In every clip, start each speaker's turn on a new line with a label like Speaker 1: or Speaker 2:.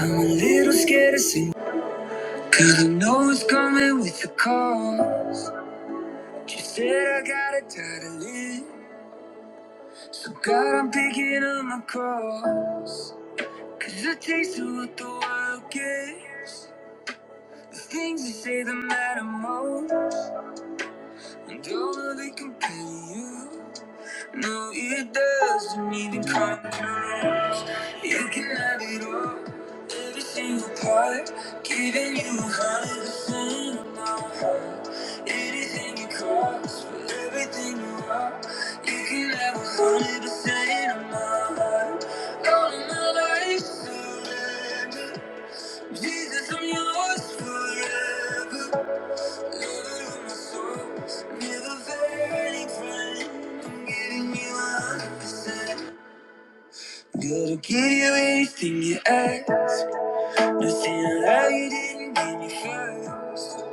Speaker 1: I'm a little scared to sing. Cause I know it's coming with the call. She said I gotta die to live. So God, I'm picking up my call. Cause I taste of what the world gives. The things they say that matter most. And all of they compare to you. No, it doesn't even come close. You can have it all, every single part. Giving you a hundred percent of my heart. Anything you cost, for everything you are. You can have a hundred percent of my heart. All of my life surrender. Jesus, I'm yours forever. Gotta give you anything you ask. Nothing like you didn't give me first.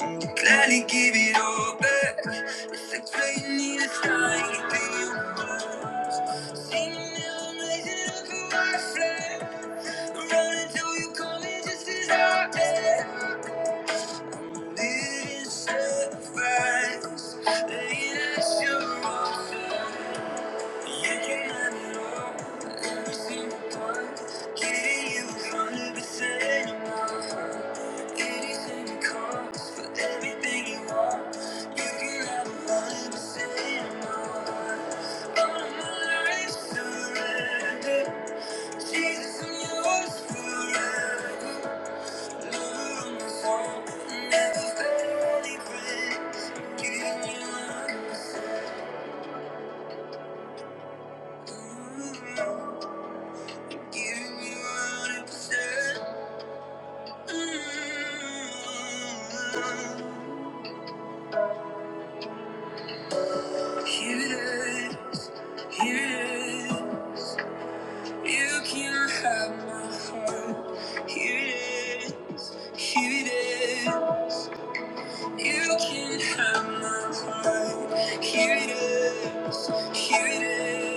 Speaker 1: I'm gladly give it all back. It's like playing in a sky, you pay your mind. Singing now, I'm raising up a white flag. Run until you come in just as I am. Jesus, I'm yours forever. Here it is. Here it is. You can have my heart. Here it is. Here it is.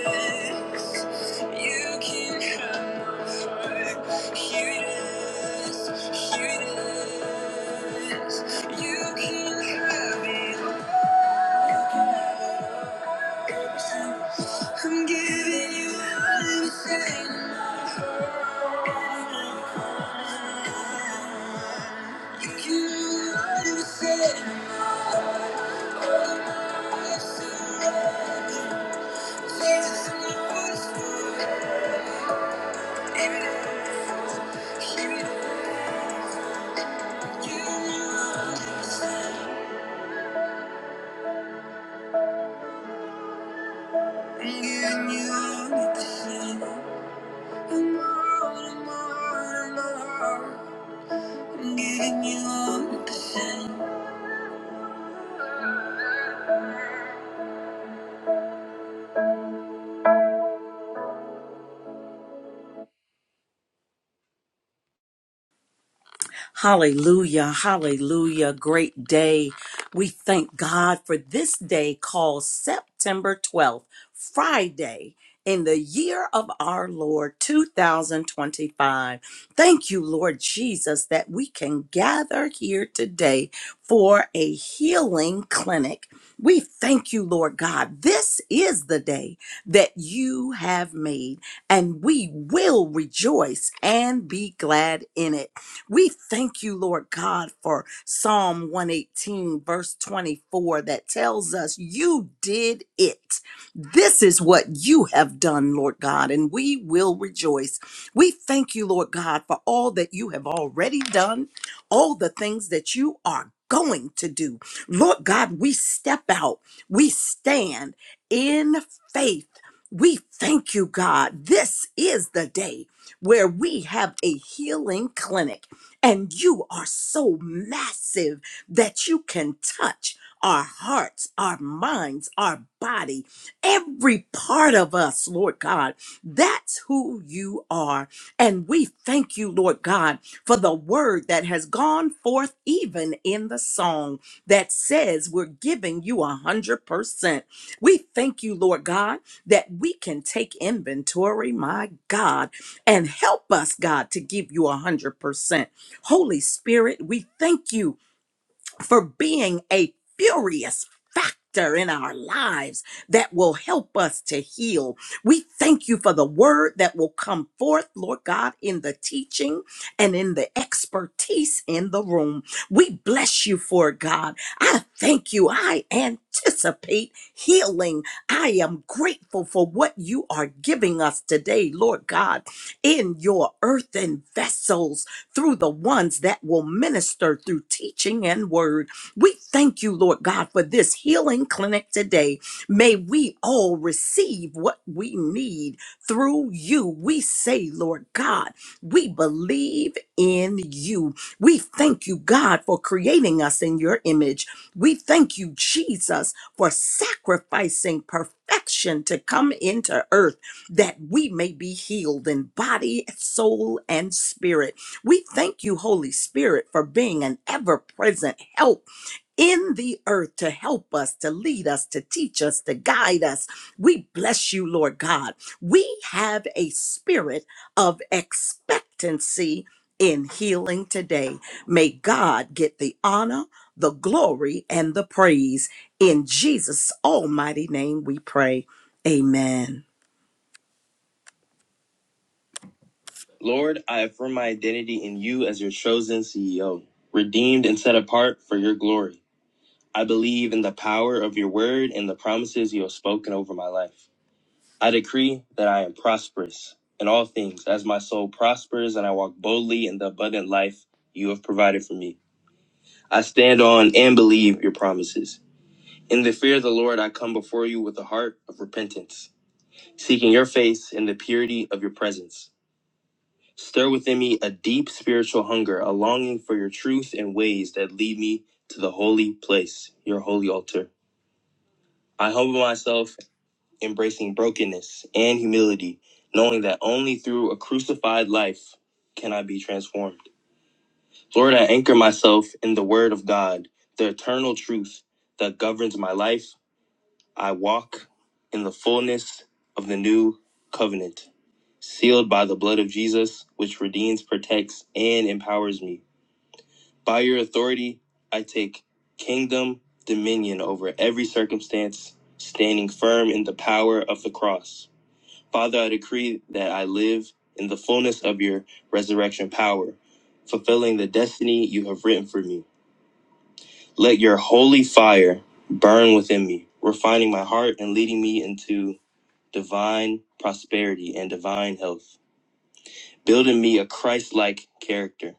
Speaker 1: You can have my heart. Here it is. Here it is. You can have it all. I'm giving you everything in my heart. You can have everything.
Speaker 2: Hallelujah. Hallelujah. Great day. We thank God for this day called September 12th, Friday. In the year of our Lord 2025. Thank you, Lord Jesus, that we can gather here today for a healing clinic. We thank you, Lord God. This is the day that you have made, and we will rejoice and be glad in it. We thank you, Lord God, for Psalm 118, verse 24, that tells us you did it. This is what you have done, Lord God, and we will rejoice. We thank you, Lord God, for all that you have already done, all the things that you are going to do. Lord God, we step out, we stand in faith. We thank you, God. This is the day where we have a healing clinic and you are so massive that you can touch our hearts, our minds, our body, every part of us, Lord God. That's who you are. And we thank you, Lord God, for the word that has gone forth even in the song that says we're giving you a hundred percent. We thank you, Lord God, that we can take inventory, my God, and help us, God, to give you a hundred percent. Holy Spirit, we thank you for being a furious factor in our lives that will help us to heal. We thank you for the word that will come forth, Lord God, in the teaching and in the expertise in the room. We bless you for it, God. I thank you. I anticipate healing. I am grateful for what you are giving us today, Lord God, in your earthen vessels through the ones that will minister through teaching and word. We thank you, Lord God, for this healing clinic today. May we all receive what we need through you. We say, Lord God, we believe in you. We thank you, God, for creating us in your image. We thank you, Jesus, for sacrificing perfection to come into earth that we may be healed in body, soul, and spirit. We thank you, Holy Spirit, for being an ever present help in the earth to help us, to lead us, to teach us, to guide us. We bless you, Lord God. We have a spirit of expectancy in healing today. May God get the honor, the glory, and the praise. In Jesus' almighty name we pray. Amen.
Speaker 1: Lord, I affirm my identity in you as your chosen CEO, redeemed and set apart for your glory. I believe in the power of your word and the promises you have spoken over my life. I decree that I am prosperous in all things as my soul prospers and I walk boldly in the abundant life you have provided for me. I stand on and believe your promises. In the fear of the Lord, I come before you with a heart of repentance, seeking your face in the purity of your presence. Stir within me a deep spiritual hunger, a longing for your truth and ways that lead me to the holy place, your holy altar. I humble myself embracing brokenness and humility, knowing that only through a crucified life can I be transformed. Lord, I anchor myself in the Word of God, the eternal truth that governs my life. I walk in the fullness of the new covenant, sealed by the blood of Jesus, which redeems, protects, and empowers me. By your authority, I take kingdom dominion over every circumstance, standing firm in the power of the cross. Father, I decree that I live in the fullness of your resurrection power, fulfilling the destiny you have written for me. Let your holy fire burn within me, refining my heart and leading me into divine prosperity and divine health, building me a Christ like character,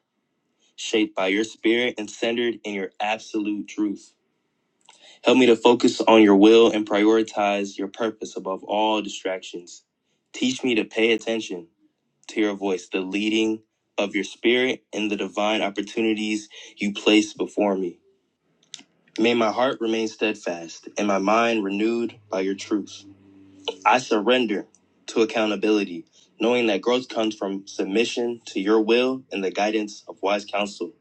Speaker 1: shaped by your spirit and centered in your absolute truth. Help me to focus on your will and prioritize your purpose above all distractions. Teach me to pay attention to your voice, the leading of your spirit, and the divine opportunities you place before me. May my heart remain steadfast and my mind renewed by your truth. I surrender to accountability, knowing that growth comes from submission to your will and the guidance of wise counsel.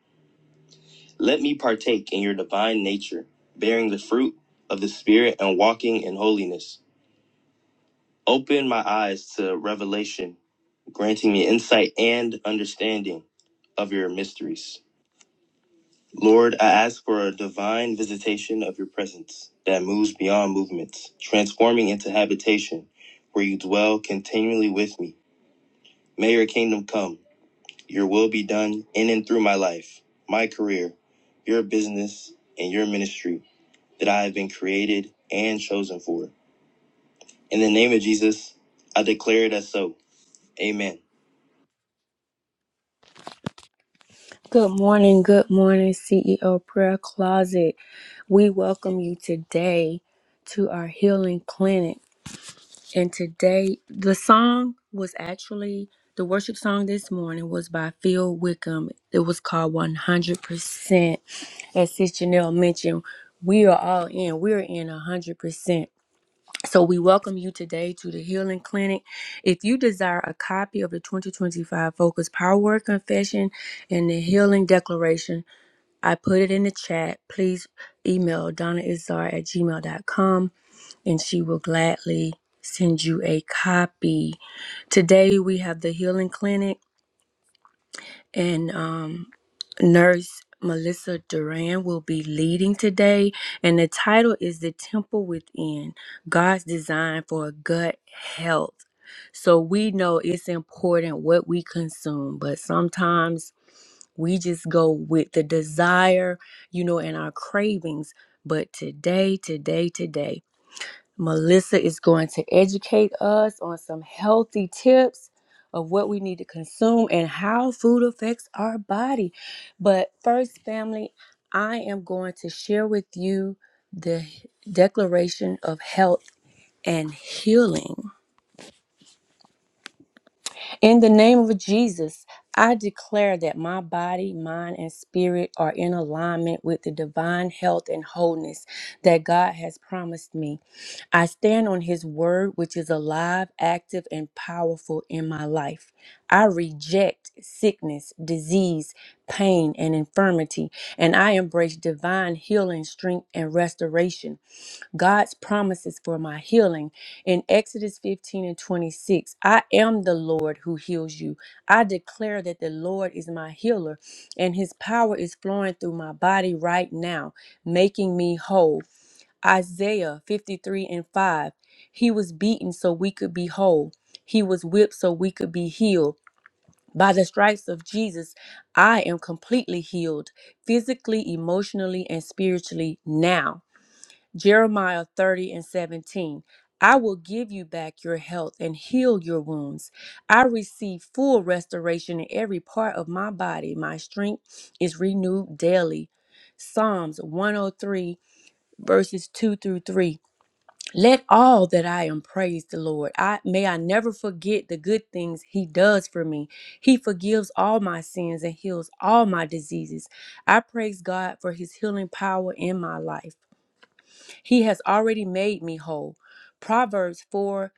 Speaker 1: Let me partake in your divine nature, bearing the fruit of the Spirit and walking in holiness. Open my eyes to revelation, granting me insight and understanding of your mysteries. Lord, I ask for a divine visitation of your presence that moves beyond movements, transforming into habitation where you dwell continually with me. May your kingdom come, your will be done in and through my life, my career, your business, and your ministry that I have been created and chosen for. In the name of Jesus, I declare it as so. Amen. Good morning, good morning, CEO Prayer Closet. We welcome you today to our healing clinic. And today, the song was actually the worship song this morning was by Phil Wickham. It was called 100%. As Sis Janelle mentioned, we are all in, we're in 100%. So we welcome you today to the Healing Clinic. If you desire a copy of the 2025 Focus Power Word Confession and the Healing Declaration, I put it in the chat. Please email donnaizar at gmail.com and she will gladly send you a copy. Today we have the healing clinic, and um, nurse Melissa Duran will be leading today, and the title is The Temple Within God's Design for Gut Health. So we know it's important what we consume, but sometimes we just go with the desire, you know, and our cravings. But today, today, today. Melissa is going to educate us on some healthy tips of what we need to consume and how food affects our body. But first, family, I am going to share with you the Declaration of Health and Healing. In the name of Jesus, I declare that my body, mind, and spirit are in alignment with the divine health and wholeness that God has promised me. I stand on His word, which is alive, active, and powerful in my life. I reject sickness, disease, pain, and infirmity, and I embrace divine healing, strength, and restoration. God's promises for my healing. In Exodus 15 and 26, I am the Lord who heals you. I declare that the Lord is my healer, and his power is flowing through my body right now, making me whole. Isaiah 53 and 5, he was beaten so we could be whole, he was whipped so we could be healed. By the stripes of Jesus, I am completely healed physically, emotionally, and spiritually now. Jeremiah 30 and 17. I will give you back your health and heal your wounds. I receive full restoration in every part of my body. My strength is renewed daily. Psalms 103 verses 2 through 3. Let all that I am praise the Lord. I may I never forget the good things he does for me. He forgives all my sins and heals all my diseases. I praise God for his healing power in my life. He has already made me whole. Proverbs 4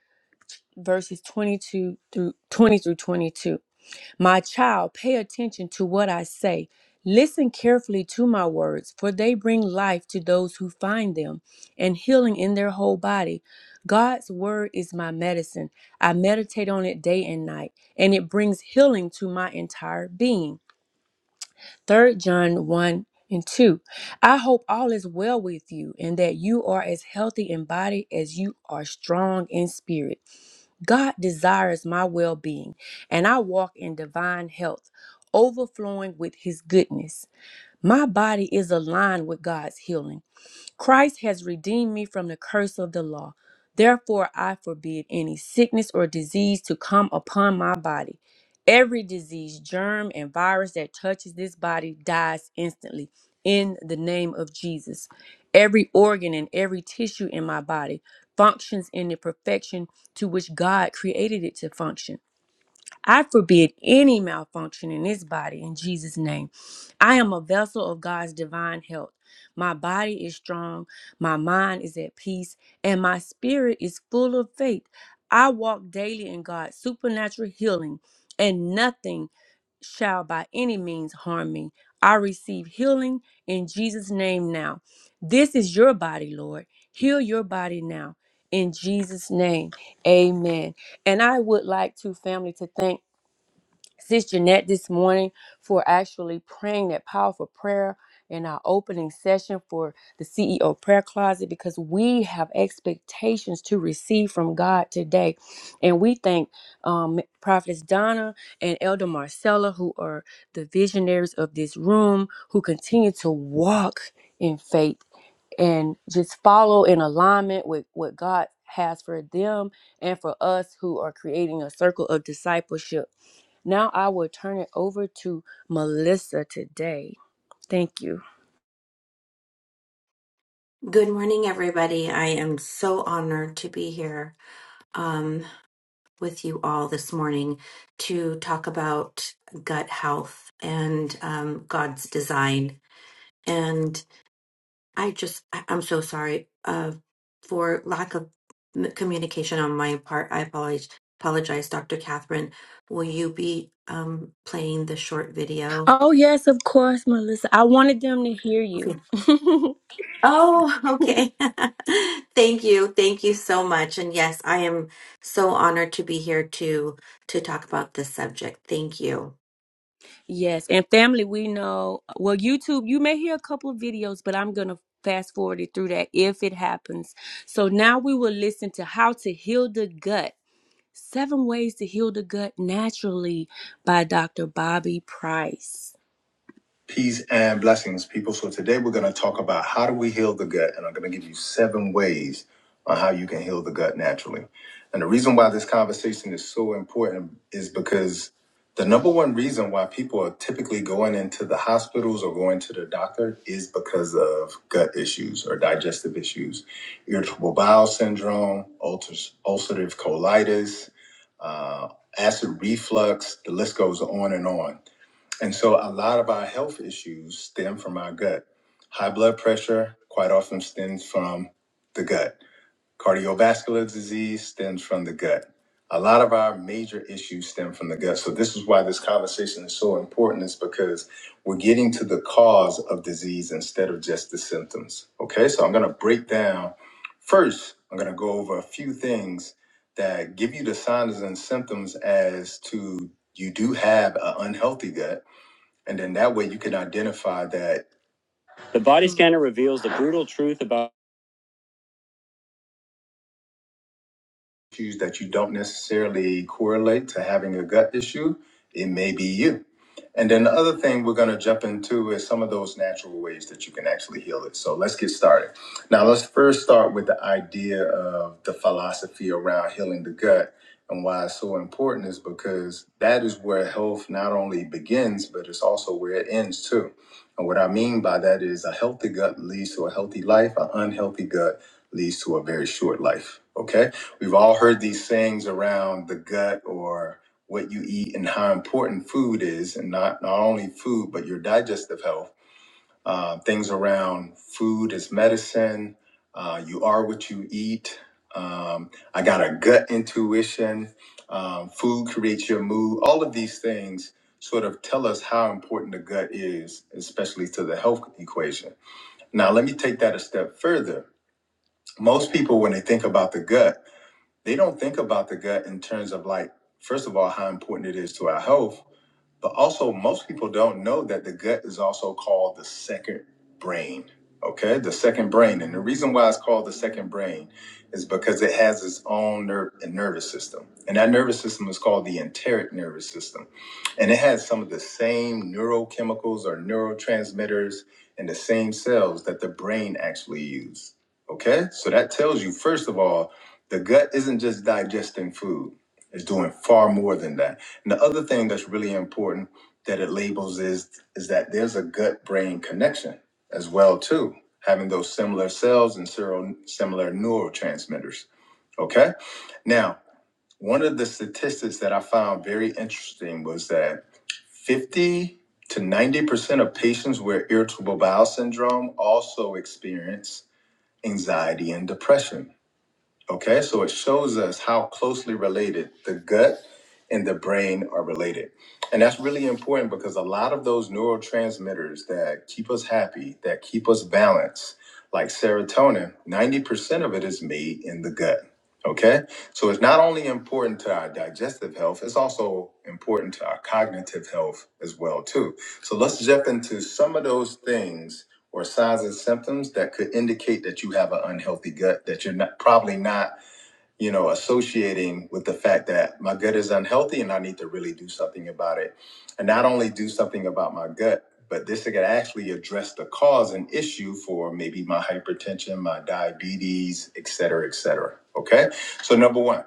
Speaker 1: verses 22 through 20 through 22. My child, pay attention to what I say. Listen carefully to my words, for they bring life to those who find them and healing in their whole body. God's word is my medicine. I meditate on it day and night, and it brings healing to my entire being. Third John 1 and 2. I hope all is well with you and that you are as healthy in body as you are strong in spirit. God desires my well being, and I walk in divine health, overflowing with his goodness. My body is aligned with God's healing. Christ has redeemed me from the curse of the law. Therefore, I forbid any sickness or disease to come upon my body. Every disease, germ, and virus that touches this body dies instantly in the name of Jesus. Every organ and every tissue in my body functions in the perfection to which God created it to function. I forbid any malfunction in this body in Jesus' name. I am a vessel of God's divine health. My body is strong, my mind is at peace, and my spirit is full of faith. I walk daily in God's supernatural healing, and nothing shall by any means harm me. I receive healing in Jesus' name now. This is your body, Lord. Heal your body now. In Jesus' name, amen. And I would like to, family, to thank Sis Jeanette this morning for actually praying that powerful prayer in our opening session for the CEO prayer closet because we have expectations to receive from God today. And we thank um, Prophets Donna and Elder Marcella, who are the visionaries of this room, who continue to walk in faith and just follow in alignment with what God has for them and for us who are creating a circle of discipleship. Now I will turn it over to Melissa today. Thank you.
Speaker 3: Good morning, everybody. I am so honored to be here um, with you all this morning to talk about gut health and um, God's design. And I just, I- I'm so sorry uh, for lack of m- communication on my part. I apologize, apologize, Dr. Catherine. Will you be um, playing the short video?
Speaker 1: Oh, yes, of course, Melissa. I wanted them to hear you.
Speaker 3: Oh, okay. Thank you. Thank you so much. And yes, I am so honored to be here to to talk about this subject. Thank you.
Speaker 1: yes, and family, we know. Well, YouTube, you may hear a couple of videos, but I'm going to fast forward it through that if it happens. So now we will listen to how to heal the gut Seven Ways to Heal the Gut Naturally by Dr. Bobby Price. Peace and blessings, people. So today we're going to talk about how do we heal the gut, and I'm going to give you seven ways on how you can heal the gut naturally. And the reason why this conversation is so important is because the number one reason why people are typically going into the hospitals or going to the doctor is because of gut issues or digestive issues, irritable bowel syndrome, ulcers- ulcerative colitis, uh, acid reflux. The list goes on and on. And so a lot of our health issues stem from our gut. High blood pressure quite often stems from the gut. Cardiovascular disease stems from the gut. A lot of our major issues stem from the gut. So this is why this conversation is so important is because we're getting to the cause of disease instead of just the symptoms. Okay? So I'm going to break down first, I'm going to go over a few things that give you the signs and symptoms as to you do have an unhealthy gut and then that way you can identify that The body scanner reveals the brutal truth about issues that you don't necessarily correlate to having a gut issue, it may be you. And then the other thing we're going to jump into is some of those natural ways that you can actually heal it. So let's get started. Now, let's first start with the idea of the philosophy around healing the gut and why it's so important is because that is where health not only begins, but it's also where it ends too. And what I mean by that is a healthy gut leads to a healthy life, an unhealthy gut leads to a very short life. Okay. We've all heard these sayings around the gut or what you eat and how important food is, and not, not only food, but your digestive health. Uh, things around food is medicine, uh, you are what you eat. Um, I got a gut intuition, um, food creates your mood. All of these things sort of tell us how important the gut is, especially to the health equation. Now, let me take that a step further. Most people, when they think about the gut, they don't think about the gut in terms of like, first of all, how important it is to our health, but also most people don't know that the gut is also called the second brain okay the second brain and the reason why it's called the second brain is because it has its own nerve and nervous system and that nervous system is called the enteric nervous system and it has some of the same neurochemicals or neurotransmitters and the same cells that the brain actually use okay so that tells you first of all the gut isn't just digesting food, it's doing far more than that. And the other thing that's really important that it labels is is that there's a gut-brain connection as well too, having those similar cells and sero- similar neurotransmitters. Okay? Now, one of the statistics that I found very interesting was that 50 to 90% of patients with irritable bowel syndrome also experience anxiety and depression. Okay, so it shows us how closely related the gut and the brain are related. And that's really important because a lot of those neurotransmitters that keep us happy, that keep us balanced, like serotonin, 90% of it is made in the gut. Okay, so it's not only important to our digestive health, it's also important to our cognitive health as well too. So let's jump into some of those things or signs and symptoms that could indicate that you have an unhealthy gut that you're not probably not you know associating with the fact that my gut is unhealthy and i need to really do something about it and not only do something about my gut but this could actually address the cause and issue for maybe my hypertension my diabetes et cetera et cetera okay so number one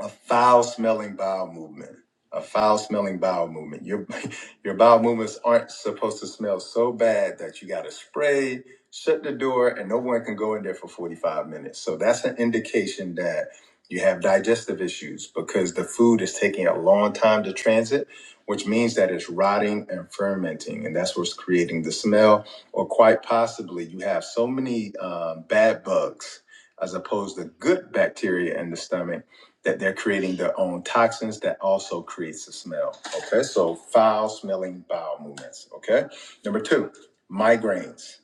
Speaker 1: a foul smelling bowel movement a foul smelling bowel movement your your bowel movements aren't supposed to smell so bad that you got to spray shut the door and no one can go in there for 45 minutes so that's an indication that you have digestive issues because the food is taking a long time to transit which means that it's rotting and fermenting and that's what's creating the smell or quite possibly you have so many um, bad bugs as opposed to good bacteria in the stomach that they're creating their own toxins that also creates the smell. Okay, so foul smelling bowel movements. Okay, number two, migraines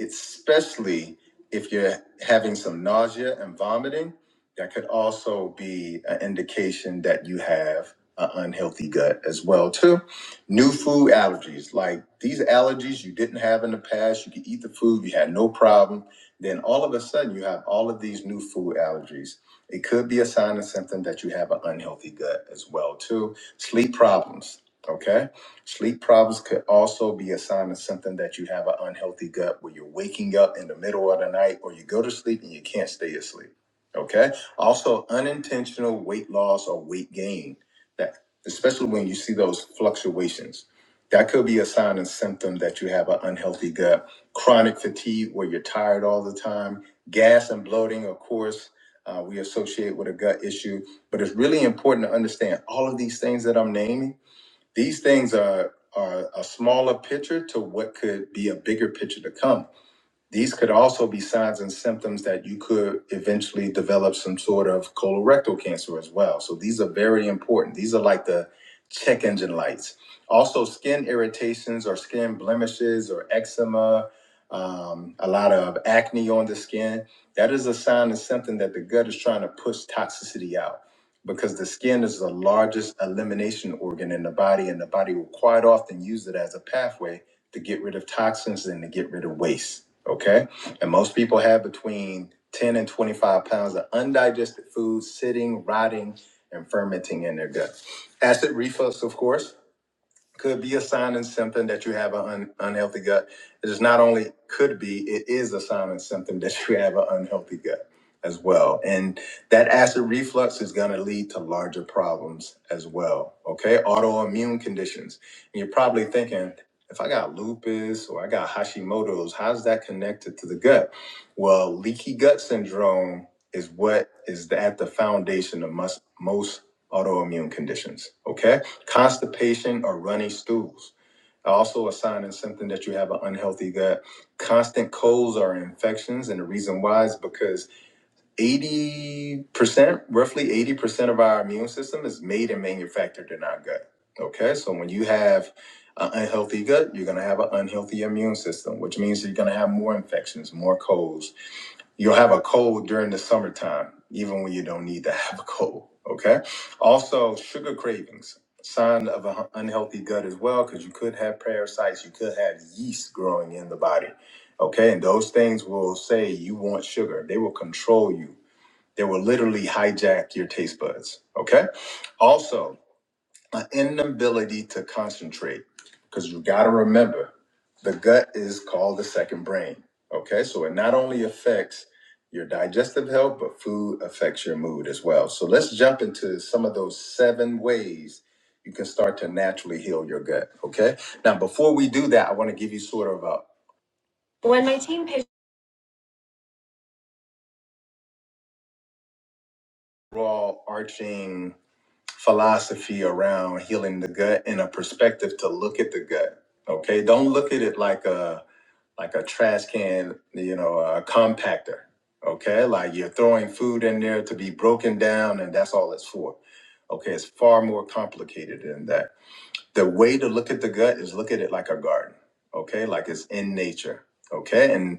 Speaker 1: especially if you're having some nausea and vomiting, that could also be an indication that you have an unhealthy gut as well too. New food allergies, like these allergies you didn't have in the past, you could eat the food, you had no problem. Then all of a sudden you have all of these new food allergies. It could be a sign and symptom that you have an unhealthy gut as well too. Sleep problems, okay? Sleep problems could also be a sign of something that you have an unhealthy gut where you're waking up in the middle of the night or you go to sleep and you can't stay asleep. Okay. Also, unintentional weight loss or weight gain, that especially when you see those fluctuations, that could be a sign and symptom that you have an unhealthy gut. Chronic fatigue where you're tired all the time, gas and bloating, of course. uh, we associate with a gut issue, but it's really important to understand all of these things that I'm naming these things are are a smaller picture to what could be a bigger picture to come. These could also be signs and symptoms that you could eventually develop some sort of colorectal cancer as well. So these are very important. These are like the check engine lights. Also, skin irritations or skin blemishes or eczema, um, a lot of acne on the skin. That is a sign and symptom that the gut is trying to push toxicity out because the skin is the largest elimination organ in the body, and the body will quite often use it as a pathway to get rid of toxins and to get rid of waste. Okay. And most people have between 10 and 25 pounds of undigested food sitting, rotting, and fermenting in their gut. Acid reflux, of course could be a sign and symptom that you have an un- unhealthy gut. It is not only could be, it is a sign and symptom that you have an unhealthy gut as well. And that acid reflux is going to lead to larger problems as well. Okay. Autoimmune conditions. And you're probably thinking, if I got lupus or I got Hashimoto's, how's that connected to the gut? Well, leaky gut syndrome is what is at the foundation of most, most autoimmune conditions. Okay constipation or runny stools also a sign and symptom that you have an unhealthy gut constant colds are infections and the reason why is because 80% roughly 80% of our immune system is made and manufactured in our gut okay so when you have an unhealthy gut you're going to have an unhealthy immune system which means you're going to have more infections more colds You'll have a cold during the summertime, even when you don't need to have a cold. Okay. Also, sugar cravings, sign of an unhealthy gut as well, because you could have parasites, you could have yeast growing in the body. Okay. And those things will say you want sugar, they will control you, they will literally hijack your taste buds. Okay. Also, an inability to concentrate because you got to remember the gut is called the second brain okay so it not only affects your digestive health but food affects your mood as well so let's jump into some of those seven ways you can start to naturally heal your gut okay now before we do that i want to give you sort of a raw arching philosophy around healing the gut and a perspective to look at the gut. Okay, don't look at it like a like a trash can, you know, a compactor. Okay, like you're throwing food in there to be broken down, and that's all it's for. Okay, it's far more complicated than that. The way to look at the gut is look at it like a garden. Okay, like it's in nature. Okay, and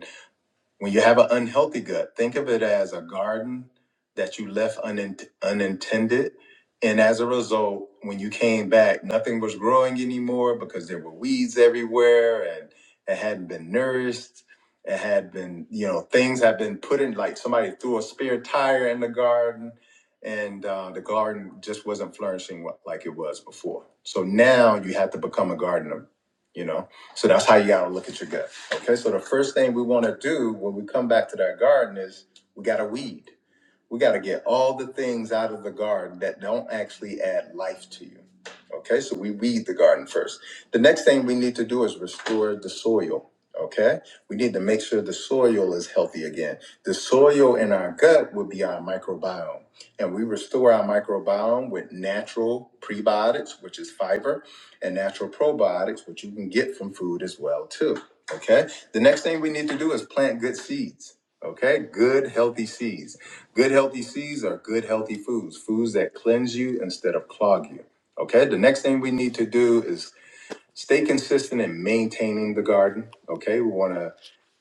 Speaker 1: when you have an unhealthy gut, think of it as a garden that you left unint- unintended. And as a result, when you came back, nothing was growing anymore because there were weeds everywhere and it hadn't been nourished. It had been, you know, things have been put in like somebody threw a spare tire in the garden and uh, the garden just wasn't flourishing wa- like it was before. So now you have to become a gardener, you know? So that's how you got to look at your gut. Okay. So the first thing we want to do when we come back to that garden is we got to weed. We got to get all the things out of the garden that don't actually add life to you. Okay. So we weed the garden first. The next thing we need to do is restore the soil. Okay. We need to make sure the soil is healthy again. The soil in our gut would be our microbiome. And we restore our microbiome with natural prebiotics, which is fiber and natural probiotics, which you can get from food as well too. Okay. The next thing we need to do is plant good seeds. Okay, good healthy seeds. Good healthy seeds are good healthy foods, foods that cleanse you instead of clog you. Okay, the next thing we need to do is stay consistent in maintaining the garden. Okay, we want to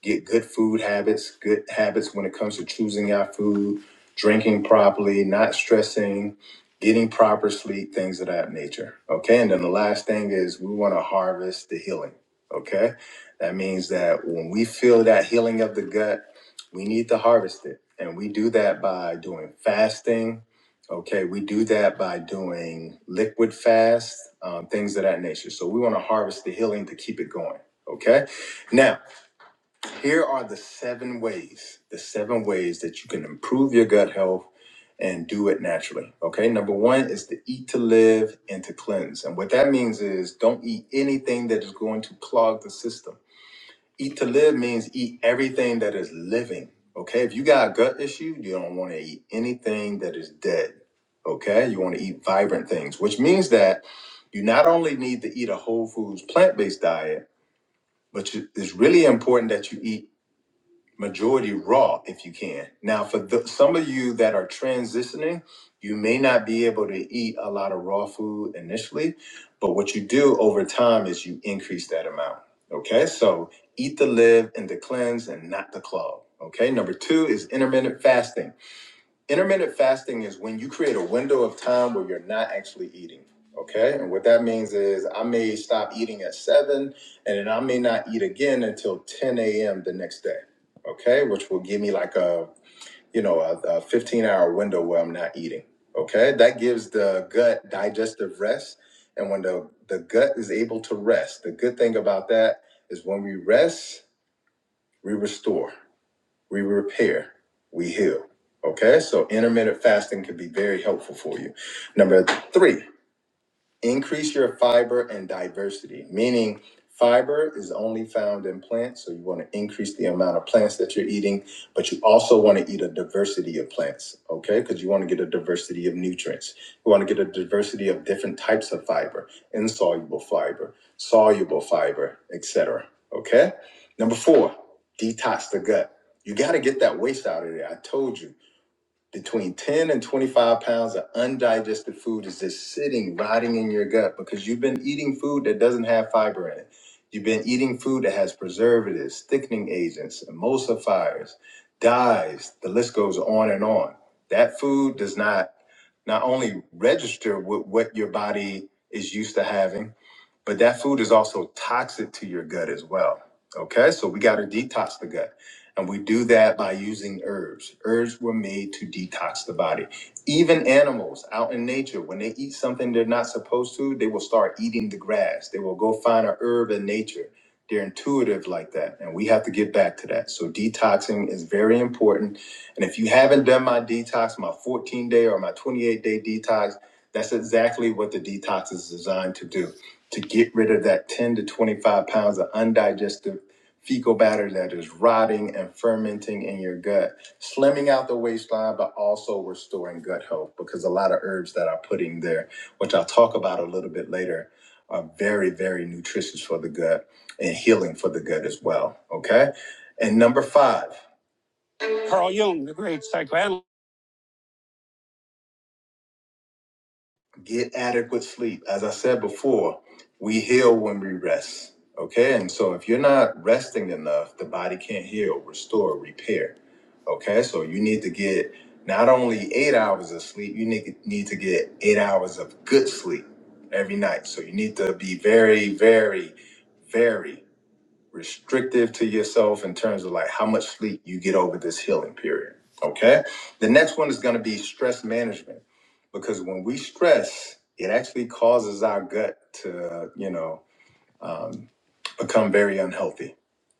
Speaker 1: get good food habits, good habits when it comes to choosing our food, drinking properly, not stressing, getting proper sleep, things of that nature. Okay, and then the last thing is we want to harvest the healing. Okay, that means that when we feel that healing of the gut, we need to harvest it. And we do that by doing fasting, Okay, we do that by doing liquid fast, um, things of that nature. So we want to harvest the healing to keep it going. Okay, now here are the seven ways the seven ways that you can improve your gut health and do it naturally. Okay, number one is to eat to live and to cleanse. And what that means is don't eat anything that is going to clog the system. Eat to live means eat everything that is living. Okay. If you got a gut issue, you don't want to eat anything that is dead. Okay. You want to eat vibrant things, which means that you not only need to eat a whole foods plant based diet, but you, it's really important that you eat majority raw if you can. Now, for the, some of you that are transitioning, you may not be able to eat a lot of raw food initially, but what you do over time is you increase that amount. Okay, so eat the live and the cleanse and not the clog. Okay, number two is intermittent fasting. Intermittent fasting is when you create a window of time where you're not actually eating. Okay. And what that means is I may stop eating at seven and then I may not eat again until 10 a.m. the next day. Okay. Which will give me like a, you know, a, a 15 hour window where I'm not eating. Okay. That gives the gut digestive rest. And when the, the gut is able to rest, the good thing about that is when we rest, we restore we repair, we heal. Okay, so intermittent fasting can be very helpful for you. Number three, Increase your fiber and diversity, meaning fiber is only found in plants. So you want to increase the amount of plants that you're eating, but you also want to eat a diversity of plants, okay? Because you want to get a diversity of nutrients. You want to get a diversity of different types of fiber, insoluble fiber, soluble fiber, etc. Okay? Number four, detox the gut. You got to get that waste out of there. I told you between 10 and 25 pounds of undigested food is just sitting rotting in your gut because you've been eating food that doesn't have fiber in it you've been eating food that has preservatives thickening agents emulsifiers dyes the list goes on and on that food does not not only register with what your body is used to having but that food is also toxic to your gut as well okay so we got to detox the gut and we do that by using herbs. Herbs were made to detox the body. Even animals out in nature, when they eat something they're not supposed to, they will start eating the grass. They will go find a herb in nature. They're intuitive like that. And we have to get back to that. So detoxing is very important. And if you haven't done my detox, my 14 day or my 28 day detox, that's exactly what the detox is designed to do to get rid of that 10 to 25 pounds of undigested fecal matter that is rotting and fermenting in your gut, slimming out the waistline, but also restoring gut health because a lot of herbs that i put in there, which I'll talk about a little bit later, are very, very nutritious for the gut and healing for the gut as well. Okay. And number five, Carl Jung, the great psychoanalyst. Get adequate sleep. As I said before, we heal when we rest. Okay. And so if you're not resting enough, the body can't heal, restore, repair. Okay. So you need to get not only eight hours of sleep, you need, need to get eight hours of good sleep every night. So you need to be very, very, very restrictive to yourself in terms of like how much sleep you get over this healing period. Okay. The next one is going to be stress management because when we stress, it actually causes our gut to, you know, um, become very unhealthy.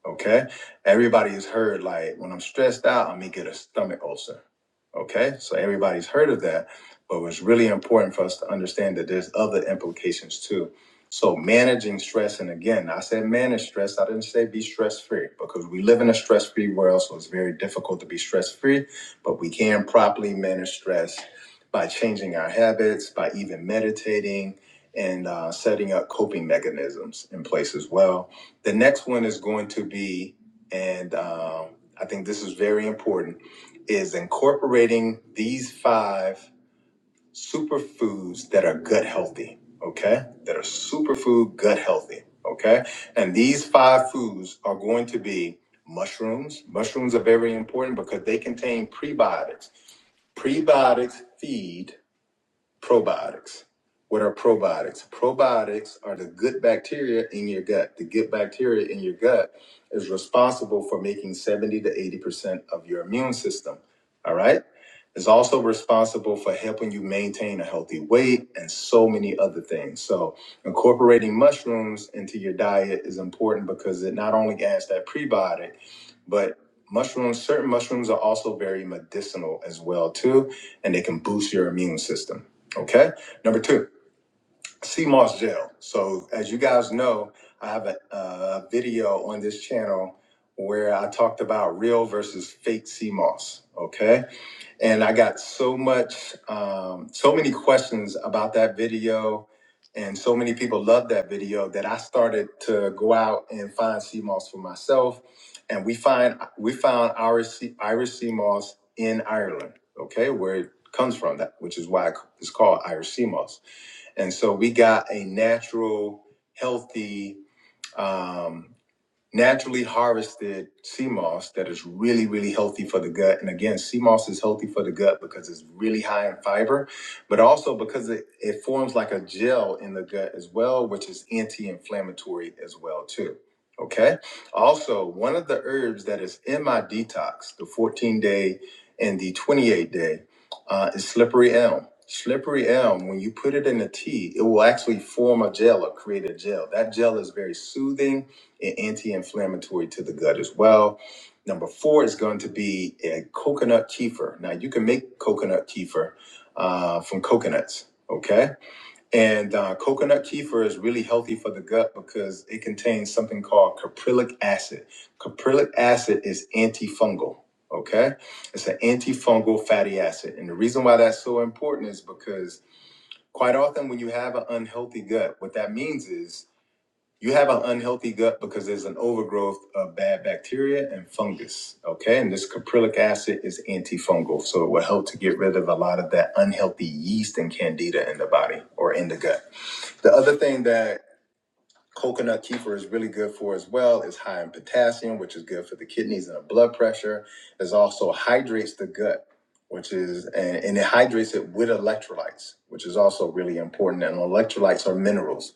Speaker 1: Okay. Everybody has heard like when I'm stressed out, I may get a stomach ulcer. Okay. So everybody's heard of that, but it's really important for us to understand that there's other implications too. So managing stress, and again, I said manage stress. I didn't say be stress free because we live in a stress free world, so it's very difficult to be stress free. But we can properly manage stress by changing our habits, by even meditating, and uh, setting up coping mechanisms in place as well. The next one is going to be, and um, I think this is very important, is incorporating these five superfoods that are gut healthy, okay? That are superfood gut healthy, okay? And these five foods are going to be mushrooms. Mushrooms are very important because they contain prebiotics. Prebiotics feed probiotics. What are probiotics? Probiotics are the good bacteria in your gut. The good bacteria in your gut is responsible for making 70 to 80% of your immune system. All right. It's also responsible for helping you maintain a healthy weight and so many other things. So, incorporating mushrooms into your diet is important because it not only adds that prebiotic, but mushrooms, certain mushrooms are also very medicinal as well too, and they can boost your immune system. Okay. Number two, CMOS gel. So as you guys know, I have a, uh video on this channel where I talked about real versus fake CMOS. Okay and I got so much, um, so many questions about that video, and so many people loved that video that I started to go out and find sea moss for myself, and we find we found Irish sea- Irish sea moss in Ireland, okay, where it comes from, that which is why it's called Irish sea moss, and so we got a natural, healthy. um, naturally harvested sea moss that is really, really healthy for the gut. And again, sea moss is healthy for the gut because it's really high in fiber, but also because it, it forms like a gel in the gut as well, which is anti-inflammatory as well too. Okay. Also, one of the herbs that is in my detox, the 14 day and the 28 day, uh, is slippery elm. Slippery elm, when you put it in a tea, it will actually form a gel or create a gel. That gel is very soothing a- anti-inflammatory to the gut as well. Number four is going to be a coconut kefir. Now you can make coconut kefir uh, from coconuts, okay? And uh, coconut kefir is really healthy for the gut because it contains something called caprylic acid. Caprylic acid is antifungal, okay? It's an antifungal fatty acid, and the reason why that's so important is because quite often when you have an unhealthy gut, what that means is you have an unhealthy gut because there's an overgrowth of bad bacteria and fungus. Okay. And this caprylic acid is antifungal. So it will help to get rid of a lot of that unhealthy yeast and candida in the body or in the gut. The other thing that Coconut kefir is really good for as well. It's high in potassium, which is good for the kidneys and the blood pressure. It also hydrates the gut, which is and, and it hydrates it with electrolytes, which is also really important. And electrolytes are minerals,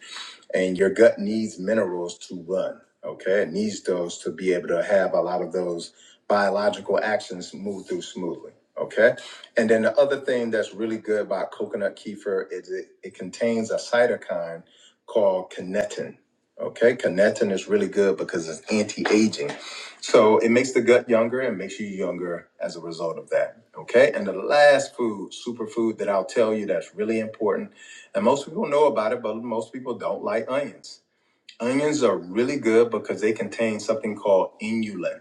Speaker 1: and your gut needs minerals to run. Okay, it needs those to be able to have a lot of those biological actions move through smoothly. Okay, and then the other thing that's really good about coconut kefir is it, it contains a cytokine called kinetin Okay, connectin is really good because it's anti-aging. So it makes the gut younger and makes you younger as a result of that. Okay, and the last food, superfood that I'll tell you that's really important, and most people know about it, but most people don't like onions. Onions are really good because they contain something called inulin.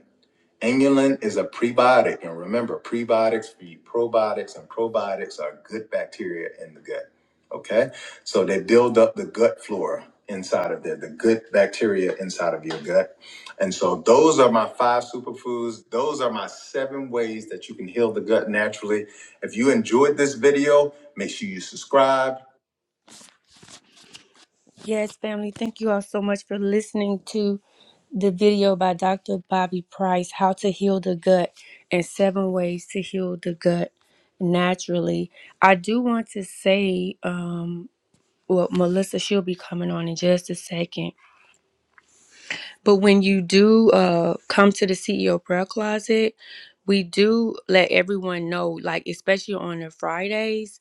Speaker 1: Inulin is a prebiotic, and remember, prebiotics feed probiotics, and probiotics are good bacteria in the gut. Okay, so they build up the gut flora inside of there, the good bacteria inside of your gut. And so, those are my five superfoods. Those are my seven ways that you can heal the gut naturally. If you enjoyed this video, make sure you subscribe. Yes, family. Thank you all so much for listening to the video by Dr. Bobby Price, How to Heal the Gut and Seven Ways to Heal the Gut Naturally. I do want to say, um, well, Melissa, she'll be coming on in just a second. But when you do uh, come to the CEO prayer closet, we do let everyone know, like, especially on the Fridays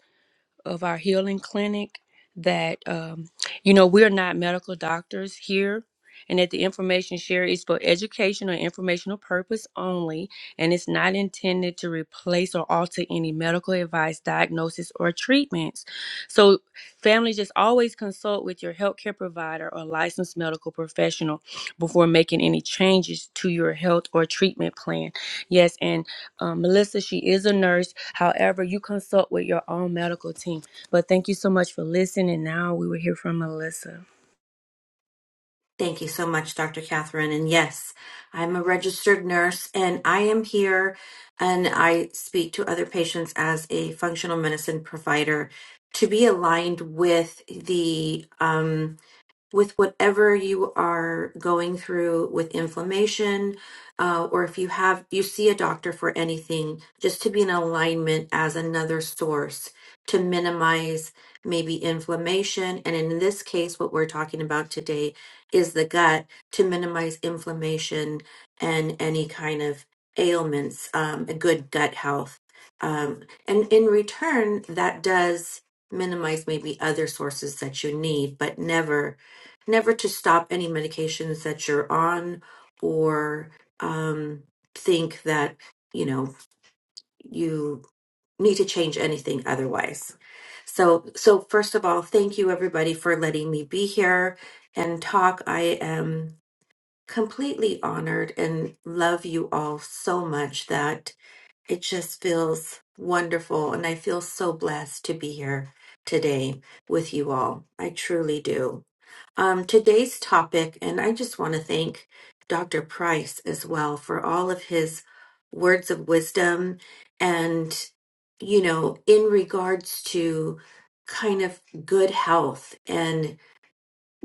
Speaker 1: of our healing clinic that um, you know we're not medical doctors here and that the information shared is for educational and informational purpose only and it's not intended to replace or alter any medical advice diagnosis or treatments so families just always consult with your healthcare provider or licensed medical professional before making any changes to your health or treatment plan yes and um, Melissa, she is a nurse. However, you consult with your own medical team. But thank you so much for listening. Now we will hear from Melissa.
Speaker 3: Thank you so much, Dr. Catherine. And yes, I'm a registered nurse and I am here and I speak to other patients as a functional medicine provider to be aligned with the um, with whatever you are going through with inflammation, uh, or if you have you see a doctor for anything, just to be in alignment as another source to minimize maybe inflammation. And in this case, what we're talking about today is the gut to minimize inflammation and any kind of ailments, um, a good gut health. Um, and in return, that does minimize maybe other sources that you need, but never never to stop any medications that you're on or um, think that you know you need to change anything otherwise so so first of all thank you everybody for letting me be here and talk i am completely honored and love you all so much that it just feels wonderful and i feel so blessed to be here today with you all i truly do um, today's topic, and I just want to thank Dr. Price as well for all of his words of wisdom and, you know, in regards to kind of good health and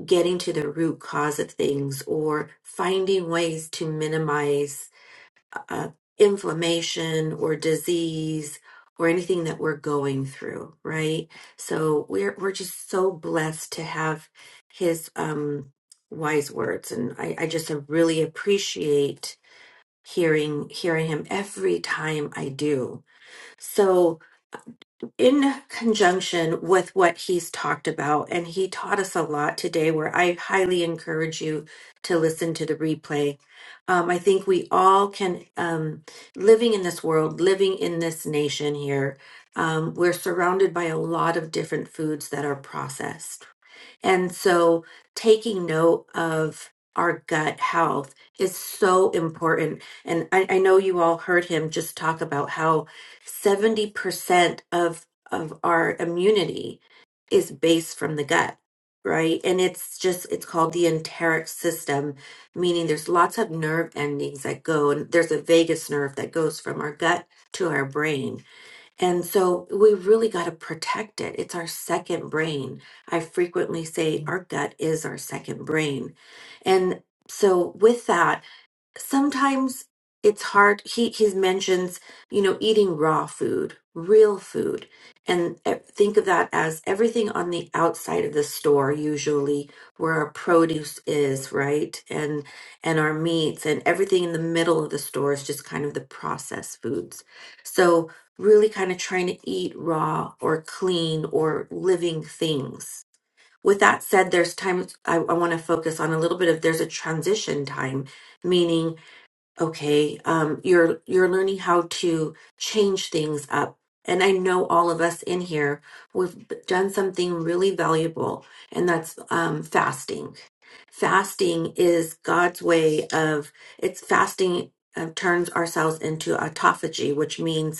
Speaker 3: getting to the root cause of things or finding ways to minimize uh, inflammation or disease or anything that we're going through, right? So we're we're just so blessed to have his um, wise words, and I, I just really appreciate hearing hearing him every time I do. So in conjunction with what he's talked about, and he taught us a lot today, where I highly encourage you to listen to the replay. Um, I think we all can, um, living in this world, living in this nation here, um, we're surrounded by a lot of different foods that are processed and so taking note of our gut health is so important. And I, I know you all heard him just talk about how 70% of, of our immunity is based from the gut, right? And it's just, it's called the enteric system, meaning there's lots of nerve endings that go, and there's a vagus nerve that goes from our gut to our brain. And so we really got to protect it. It's our second brain. I frequently say our gut is our second brain. And so, with that, sometimes it's hard he he mentions you know eating raw food real food and eh, think of that as everything on the outside of the store usually where our produce is right and and our meats and everything in the middle of the store is just kind of the processed foods so really kind of trying to eat raw or clean or living things with that said there's times i, I want to focus on a little bit of there's a transition time meaning okay um you're you're learning how to change things up and i know all of us in here we've done something really valuable and that's um fasting fasting is god's way of it's fasting uh, turns ourselves into autophagy which means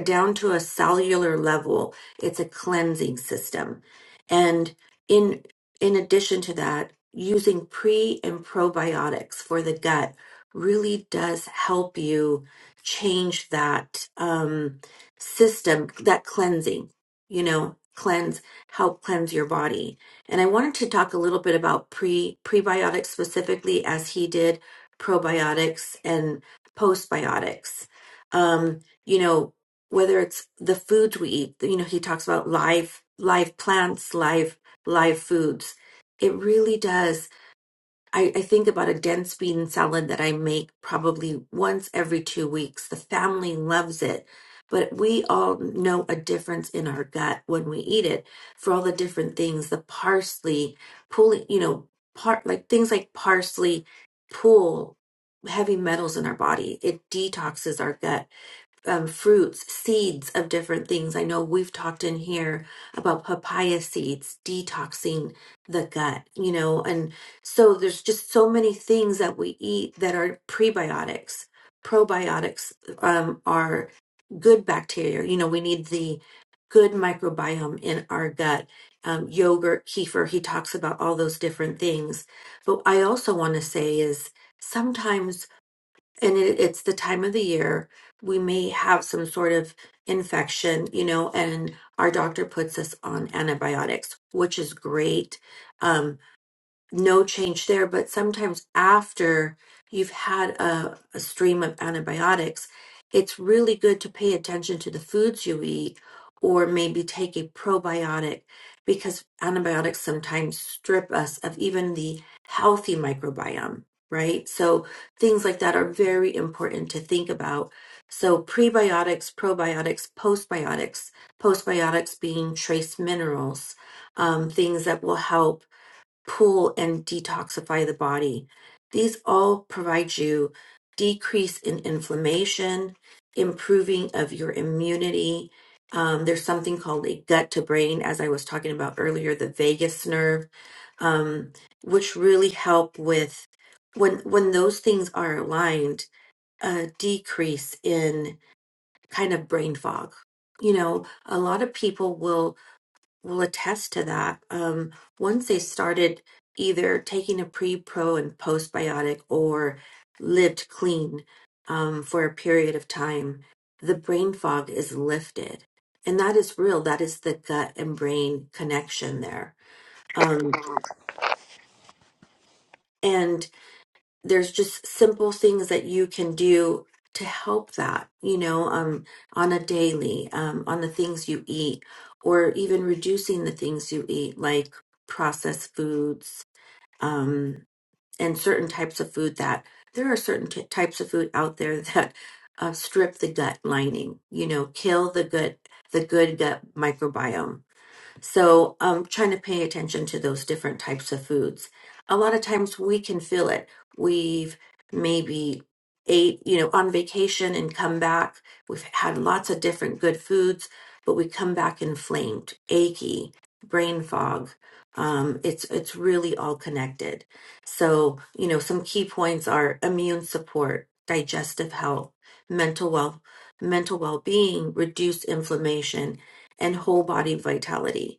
Speaker 3: down to a cellular level it's a cleansing system and in in addition to that using pre and probiotics for the gut really does help you change that um, system that cleansing you know cleanse help cleanse your body and i wanted to talk a little bit about pre prebiotics specifically as he did probiotics and postbiotics um, you know whether it's the foods we eat you know he talks about live live plants live live foods it really does I, I think about a dense bean salad that i make probably once every two weeks the family loves it but we all know a difference in our gut when we eat it for all the different things the parsley pulling you know part like things like parsley pull heavy metals in our body it detoxes our gut um, fruits, seeds of different things. I know we've talked in here about papaya seeds detoxing the gut, you know, and so there's just so many things that we eat that are prebiotics. Probiotics um, are good bacteria. You know, we need the good microbiome in our gut. Um, yogurt, kefir, he talks about all those different things. But I also want to say is sometimes and it, it's the time of the year we may have some sort of infection you know and our doctor puts us on antibiotics which is great Um, no change there, but sometimes after you've had a, a stream of antibiotics, it's really good to pay attention to the foods you eat or maybe take a probiotic because antibiotics sometimes strip us of even the healthy microbiome, right? So things like that are very important to think about. So prebiotics, probiotics, postbiotics, postbiotics being trace minerals, um, things that will help cool and detoxify the body. These all provide you decrease in inflammation, improving of your immunity. Um, there's something called a gut to brain, as I was talking about earlier, the vagus nerve, um, which really help with when when those things are aligned, a decrease in kind of brain fog. You know, a lot of people will will attest to that. Um, once they started either taking a pre, pro, and postbiotic or lived clean um, for a period of time, the brain fog is lifted. And that is real. That is the gut and brain connection there. Um, and there's just simple things that you can do to help that you know um on a daily um on the things you eat or even reducing the things you eat like processed foods um and certain types of food that there are certain t- types of food out there that uh, strip the gut lining you know kill the gut the good gut microbiome so um, trying to pay attention to those different types of foods. A lot of times we can feel it. We've maybe ate, you know, on vacation and come back. We've had lots of different good foods, but we come back inflamed, achy, brain fog. Um, it's it's really all connected. So you know, some key points are immune support, digestive health, mental well, mental well being, reduce inflammation, and whole body vitality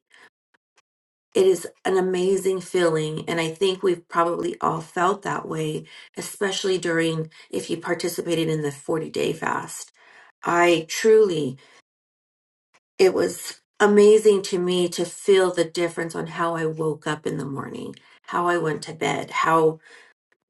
Speaker 3: it is an amazing feeling and i think we've probably all felt that way especially during if you participated in the 40 day fast i truly it was amazing to me to feel the difference on how i woke up in the morning how i went to bed how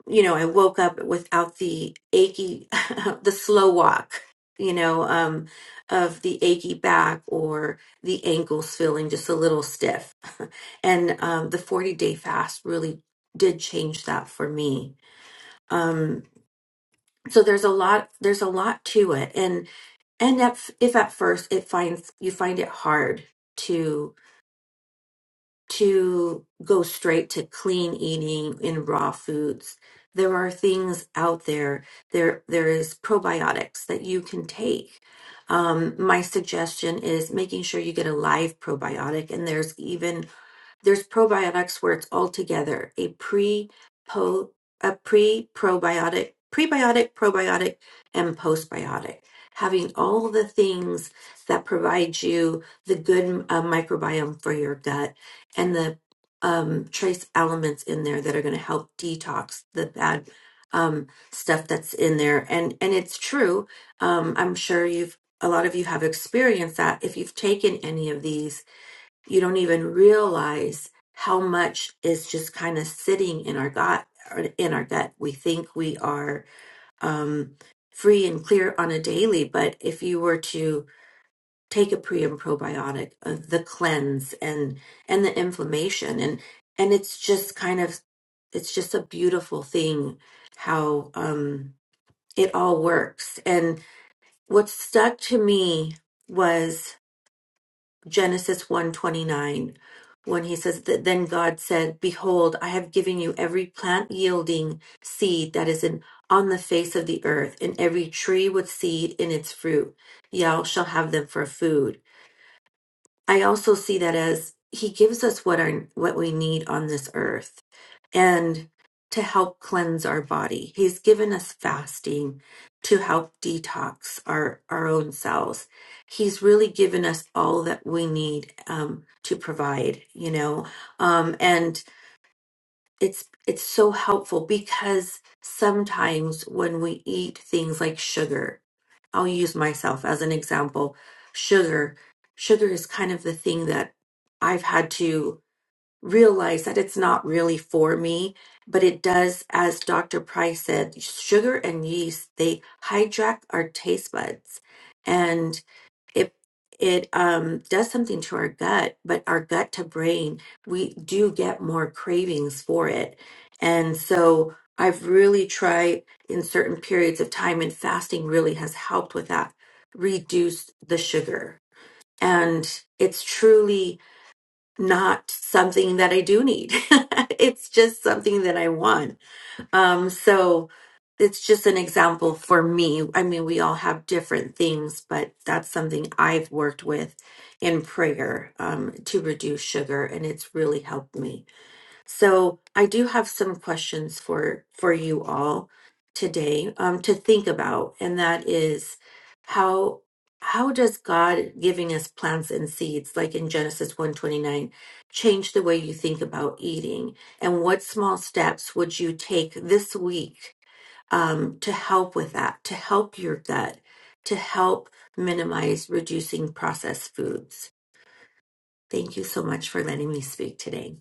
Speaker 3: you know, I woke up without the achy, the slow walk, you know, um, of the achy back or the ankles feeling just a little stiff. and um, the 40 day fast really did change that for me. Um, so there's a lot, there's a lot to it. And, and if, if at first it finds, you find it hard to to go straight to clean eating in raw foods. There are things out there. There, there is probiotics that you can take. Um, my suggestion is making sure you get a live probiotic, and there's even there's probiotics where it's all together, a pre po a pre probiotic, prebiotic, probiotic, and postbiotic. Having all the things that provide you the good uh, microbiome for your gut and the um, trace elements in there that are going to help detox the bad um, stuff that's in there. And and it's true. Um, I'm sure you've a lot of you have experienced that if you've taken any of these you don't even realize how much is just kind of sitting in our gut in our gut we think we are um, free and clear on a daily but if you were to take a pre and probiotic uh, the cleanse and and the inflammation and and it's just kind of it's just a beautiful thing how um it all works and what stuck to me was Genesis one twenty nine, when he says that then God said, behold, I have given you every plant yielding seed that is in on the face of the earth and every tree with seed in its fruit. Y'all shall have them for food. I also see that as he gives us what our what we need on this earth and to help cleanse our body. He's given us fasting to help detox our, our own cells. He's really given us all that we need um, to provide, you know, um, and it's it's so helpful because sometimes when we eat things like sugar, I'll use myself as an example. Sugar, sugar is kind of the thing that I've had to realize that it's not really for me, but it does, as Dr. Price said, sugar and yeast, they hijack our taste buds and it it um, does something to our gut, but our gut to brain, we do get more cravings for it. And so I've really tried in certain periods of time, and fasting really has helped with that, reduce the sugar. And it's truly not something that I do need. it's just something that I want. Um, so it's just an example for me. I mean, we all have different things, but that's something I've worked with in prayer um, to reduce sugar, and it's really helped me. So I do have some questions for for you all today um, to think about, and that is how how does God giving us plants and seeds, like in Genesis one twenty nine, change the way you think about eating, and what small steps would you take this week um, to help with that, to help your gut, to help minimize reducing processed foods? Thank you so much for letting me speak today.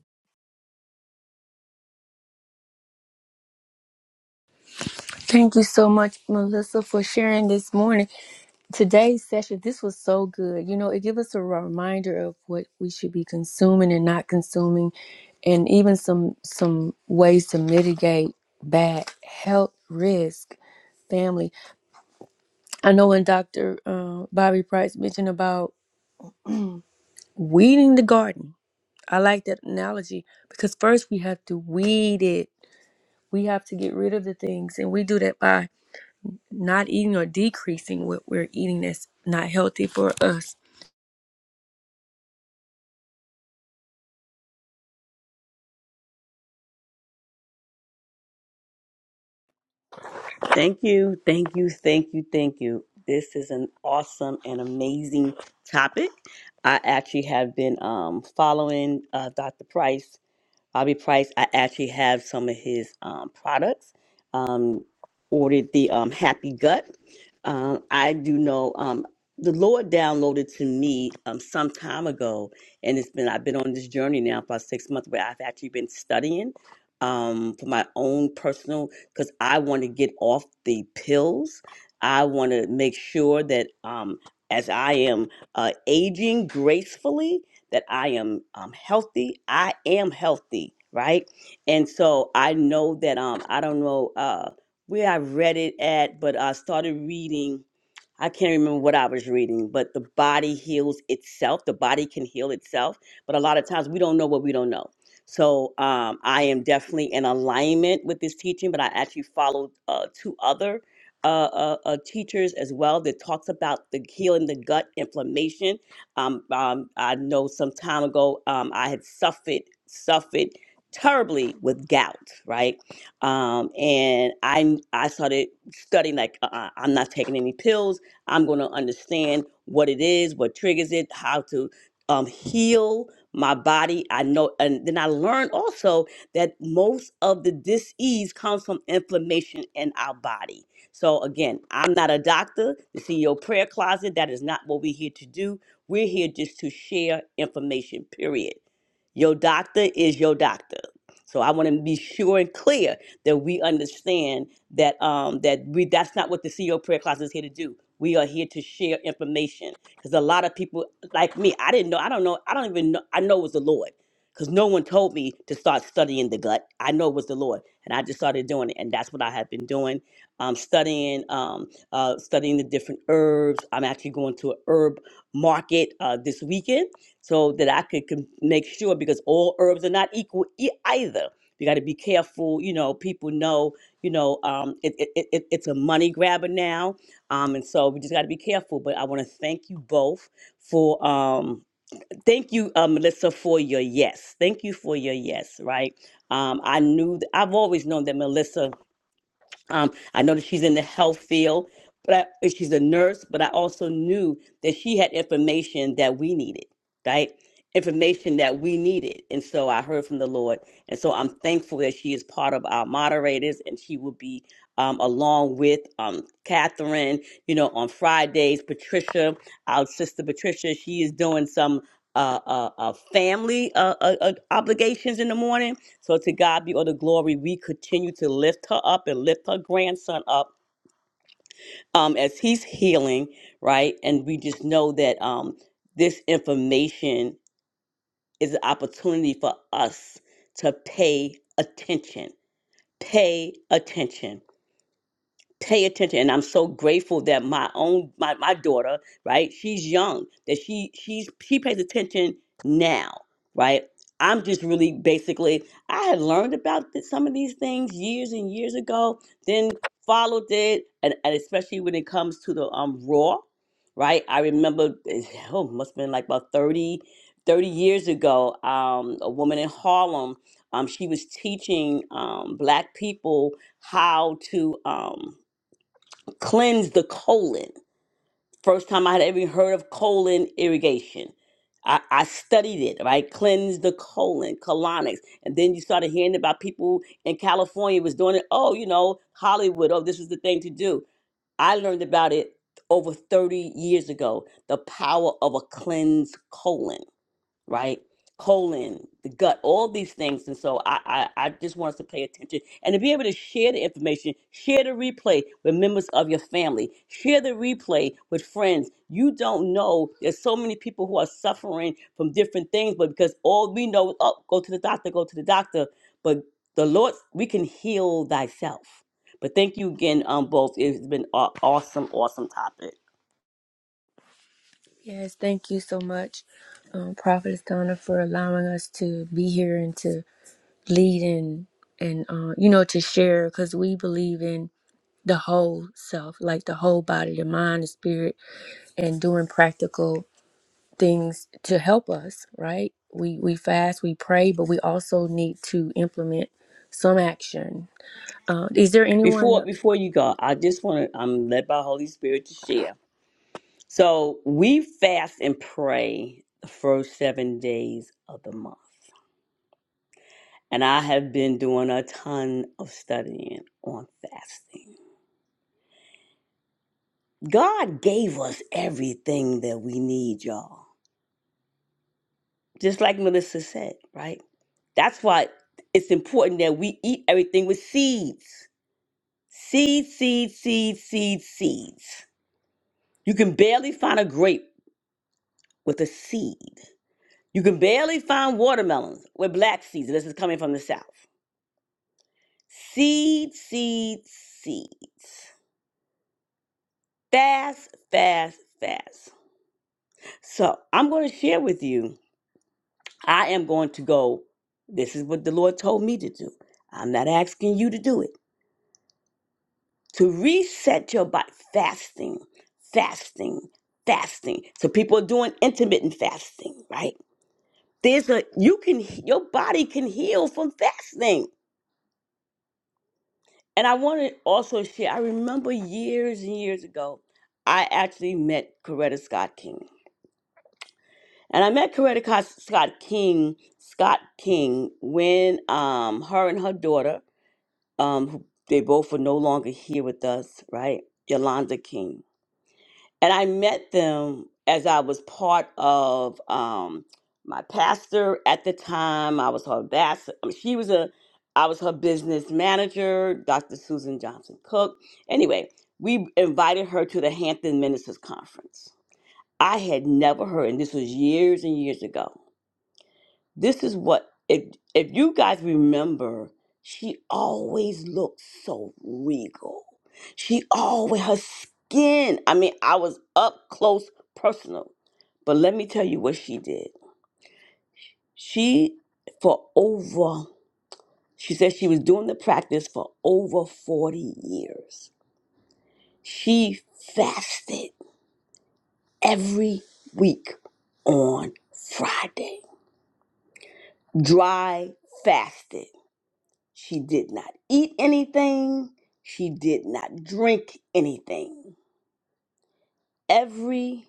Speaker 1: Thank you so much, Melissa, for sharing this morning. Today's session, this was so good. You know, it gave us a reminder of what we should be consuming and not consuming, and even some some ways to mitigate bad health risk. Family, I know when Dr. Uh, Bobby Price mentioned about weeding the garden I like that analogy because first we have to weed it. We have to get rid of the things, and we do that by not eating or decreasing what we're eating that's not healthy for us.
Speaker 4: Thank you, thank you, thank you, thank you. This is an awesome and amazing topic. I actually have been um, following uh, Dr. Price Bobby Price. I actually have some of his um, products. Um, ordered the um, Happy Gut. Um, I do know um, the Lord downloaded to me um, some time ago, and it's been I've been on this journey now for about six months, where I've actually been studying um, for my own personal because I want to get off the pills. I want to make sure that um, as I am uh, aging gracefully, that I am um, healthy. I am healthy, right? And so I know that um I don't know uh where I read it at, but I started reading I can't remember what I was reading, but the body heals itself. The body can heal itself. But a lot of times we don't know what we don't know. So um, I am definitely in alignment with this teaching, but I actually followed uh, two other uh, uh, uh, teachers as well that talks about the healing the gut inflammation. Um, um, I know some time ago um, I had suffered suffered terribly with gout, right? um, and I I started studying like uh, uh, I'm not taking any pills. I'm going to understand what it is, what triggers it, how to um, heal my body. I know, and then I learned also that most of the disease comes from inflammation in our body. So again, I'm not a doctor. The CEO prayer closet, that is not what we're here to do. We're here just to share information, period. Your doctor is your doctor. So I want to be sure and clear that we understand that um that we that's not what the CEO prayer closet is here to do. We are here to share information because a lot of people like me, I didn't know. I don't know. I don't even know. I know it was the Lord because no one told me to start studying the gut. I know it was the Lord, and I just started doing it, and that's what I have been doing. Um, studying, um, uh, studying the different herbs. I'm actually going to a herb market uh, this weekend so that I could can make sure because all herbs are not equal e- either. You got to be careful. You know, people know. You know, um, it, it, it, it's a money grabber now um, and so we just got to be careful. But I want to thank you both for um, thank you, uh, Melissa, for your yes. Thank you for your yes. Right. Um, I knew th- I've always known that Melissa um, I know that she's in the health field, but I, she's a nurse. But I also knew that she had information that we needed, right? Information that we needed, and so I heard from the Lord, and so I'm thankful that she is part of our moderators, and she will be um, along with um, Catherine. You know, on Fridays, Patricia, our sister Patricia, she is doing some. Uh, uh, uh, family uh, uh, uh, obligations in the morning so to God be all the glory. We continue to lift her up and lift her grandson up um, as he's healing, right? And we just know that um, this information is an opportunity for us to pay attention. Pay attention. pay attention and i'm so grateful that my own my, my daughter right she's young that she she's she pays attention now right i'm just really basically i had learned about th- some of these things years and years ago then followed it and, and especially when it comes to the um raw right i remember eh, oh must have been like about 30 30 years ago um a woman in harlem um she was teaching um black people how to um cleanse the colon. First time I had ever heard of colon irrigation. I, I studied it, right? Cleanse the colon, colonics. And then you started hearing about people in California was doing it. Oh, you know, Hollywood, oh, this is the thing to do. I learned about it over 30 years ago, the power of a cleansed colon right? Colon, the gut, all these things. And so I, I, I just want us to pay attention and to be able to share the information, share the replay with members of your family, share the replay with friends. You don't know there's so many people who are suffering from different things, but because all we know is, oh, go to the doctor, go to the doctor. But the Lord, we can heal thyself. But thank you again, um, both. It's been an awesome, awesome topic.
Speaker 1: Yes, thank you so much, um, Prophetess Donna, for allowing us to be here and to lead and and uh, you know to share because we believe in the whole self, like the whole body, the mind, the spirit, and doing practical. things to help us, right? We we fast, we pray, but we also need to implement some action. Uh, is there anyone
Speaker 4: Before
Speaker 1: else?
Speaker 4: before you go, I just want to, I'm led by Holy Spirit to share. So we fast and pray the first seven days of the month. And I have been doing a ton of studying on fasting. God gave us everything that we need, y'all. Just like Melissa said, right? That's why it's important that we eat everything with seeds. Seeds, seeds, seeds, seeds, seeds. You can barely find a grape with a seed. You can barely find watermelons with black seeds. This is coming from the South. Seed, seed, seeds. Fast, fast, fast. So I'm going to share with you. I am going to go. This is what the Lord told me to do. I'm not asking you to do it. To reset your body, fasting, fasting, fasting. So people are doing intermittent fasting, right? There's a you can your body can heal from fasting. And I want to also share, I remember years and years ago, I actually met Coretta Scott King. And I met Coretta Co- Scott King, Scott King, when um, her and her daughter, um, who they both were no longer here with us, right? Yolanda King and I met them as I was part of um, my pastor at the time. I was her ambassador. she was a, I was her business manager, Dr. Susan Johnson Cook. Anyway, we invited her to the Hampton Ministers Conference. I had never heard, and this was years and years ago. This is what if if you guys remember, she always looked so regal. She always her skin. I mean, I was up close personal. But let me tell you what she did. She for over she said she was doing the practice for over 40 years. She fasted every week on Friday. Dry fasted. She did not eat anything. She did not drink anything. Every,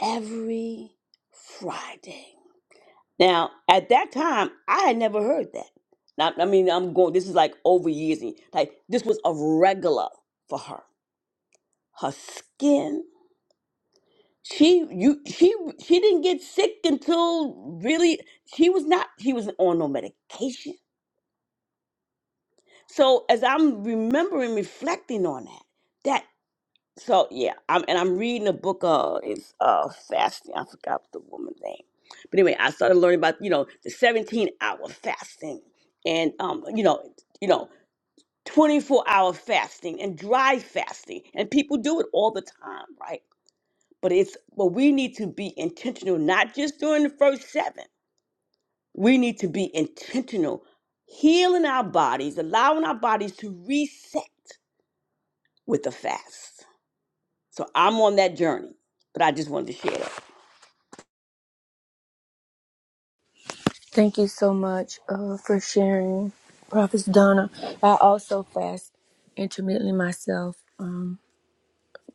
Speaker 4: every Friday. Now, at that time, I had never heard that. Now, I mean, I'm going, this is like over years. and- Like, this was a regular for her. Her skin. She you she she didn't get sick until really she was not she was on no medication. So as I'm remembering reflecting on that that, So yeah, I'm and I'm reading a book. Uh, it's uh fasting. I forgot the woman's name, but anyway, I started learning about you know the 17 hour fasting and um you know you know 24 hour fasting and dry fasting, and people do it all the time, right? But it's but we need to be intentional, not just during the first seven. We need to be intentional, healing our bodies, allowing our bodies to reset with the fast So I'm on that journey, but I just wanted to share that.
Speaker 1: Thank you so much uh, for sharing, Prophet Donna. I also fast intermittently myself. Um,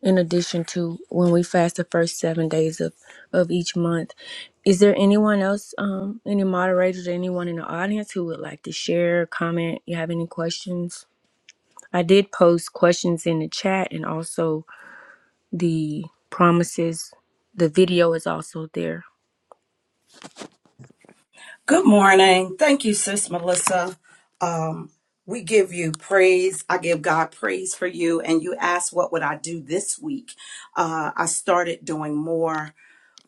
Speaker 1: in addition to when we fast the first seven days of, of each month, is there anyone else, um, any moderators, or anyone in the audience who would like to share, comment? You have any questions? I did post questions in the chat and also the promises. The video is also there.
Speaker 2: Good morning. Thank you, Sis Melissa. Um, we give you praise. I give God praise for you. And you asked, What would I do this week? Uh, I started doing more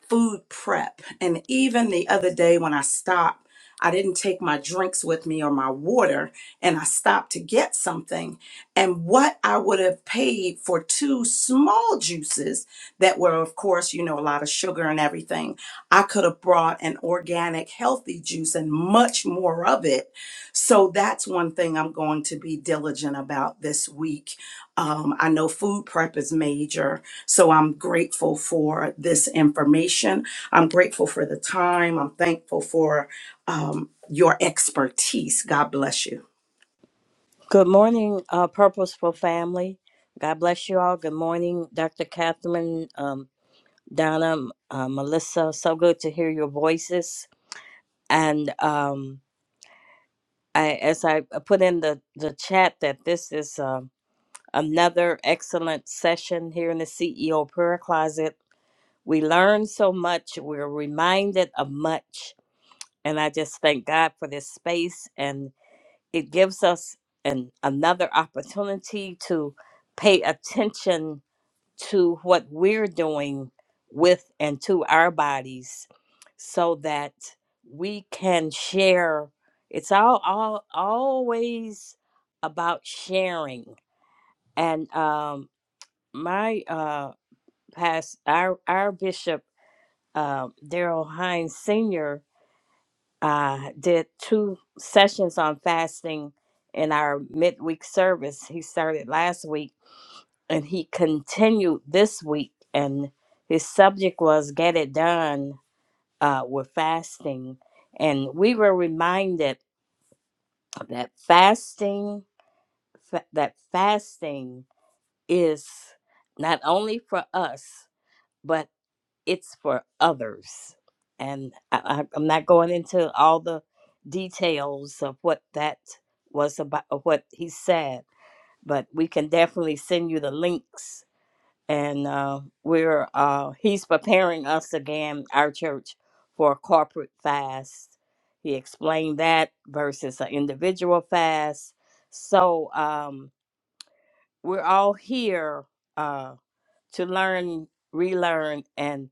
Speaker 2: food prep. And even the other day when I stopped, I didn't take my drinks with me or my water, and I stopped to get something. And what I would have paid for two small juices that were, of course, you know, a lot of sugar and everything, I could have brought an organic, healthy juice and much more of it. So that's one thing I'm going to be diligent about this week. Um, I know food prep is major, so I'm grateful for this information. I'm grateful for the time. I'm thankful for um, your expertise. God bless you.
Speaker 5: Good morning, uh, Purposeful Family. God bless you all. Good morning, Dr. Catherine, um, Donna, uh, Melissa. So good to hear your voices. And um, I, as I uh, put in the, the chat, that this is um another excellent session here in the CEO Prayer Closet. We learn so much, we're reminded of much. And I just thank God for this space. and. it gives us an another opportunity to pay attention to what we're doing with and to our bodies so that we can share it's all, all always about sharing and um my uh past our our bishop uh, daryl hines senior uh, did two sessions on fasting in our midweek service. He started last week and he continued this week. And his subject was Get It Done uh, with Fasting. And we were reminded that fasting, fa- that fasting is not only for us, but it's for others. And I, I, I'm not going into all the details of what that was about, of what he said, but we can definitely send you the links. And uh, we're uh, he's preparing us again, our church, for a corporate fast. He explained that versus an individual fast. So um, we're all here uh, to learn, relearn, and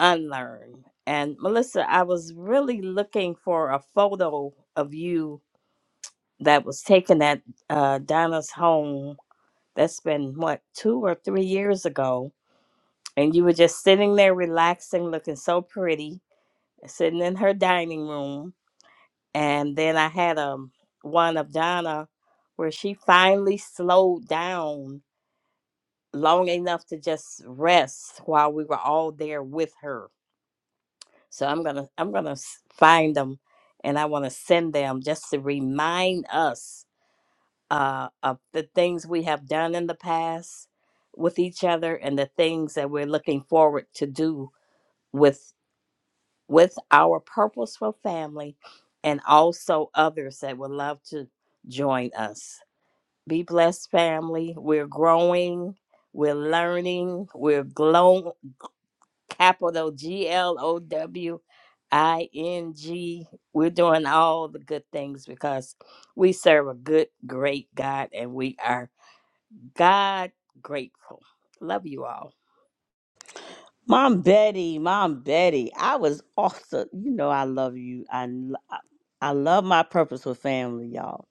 Speaker 5: unlearn. And Melissa, I was really looking for a photo of you that was taken at uh, Donna's home. That's been what two or three years ago, and you were just sitting there relaxing, looking so pretty, sitting in her dining room. And then I had um one of Donna where she finally slowed down long enough to just rest while we were all there with her So I'm gonna I'm gonna s- find them, and I want to send them just to remind us uh, of the things we have done in the past with each other, and the things that we're looking forward to do with with our purposeful family, and also others that would love to join us. Be blessed, family. We're growing. We're learning. We're glow capital G L O W I N G. We're doing all the good things because we serve a good, great God and we are God grateful. Love you all.
Speaker 4: Mom Betty, Mom Betty, I was also, you know, I love you. I, lo- I I love my purposeful family, y'all.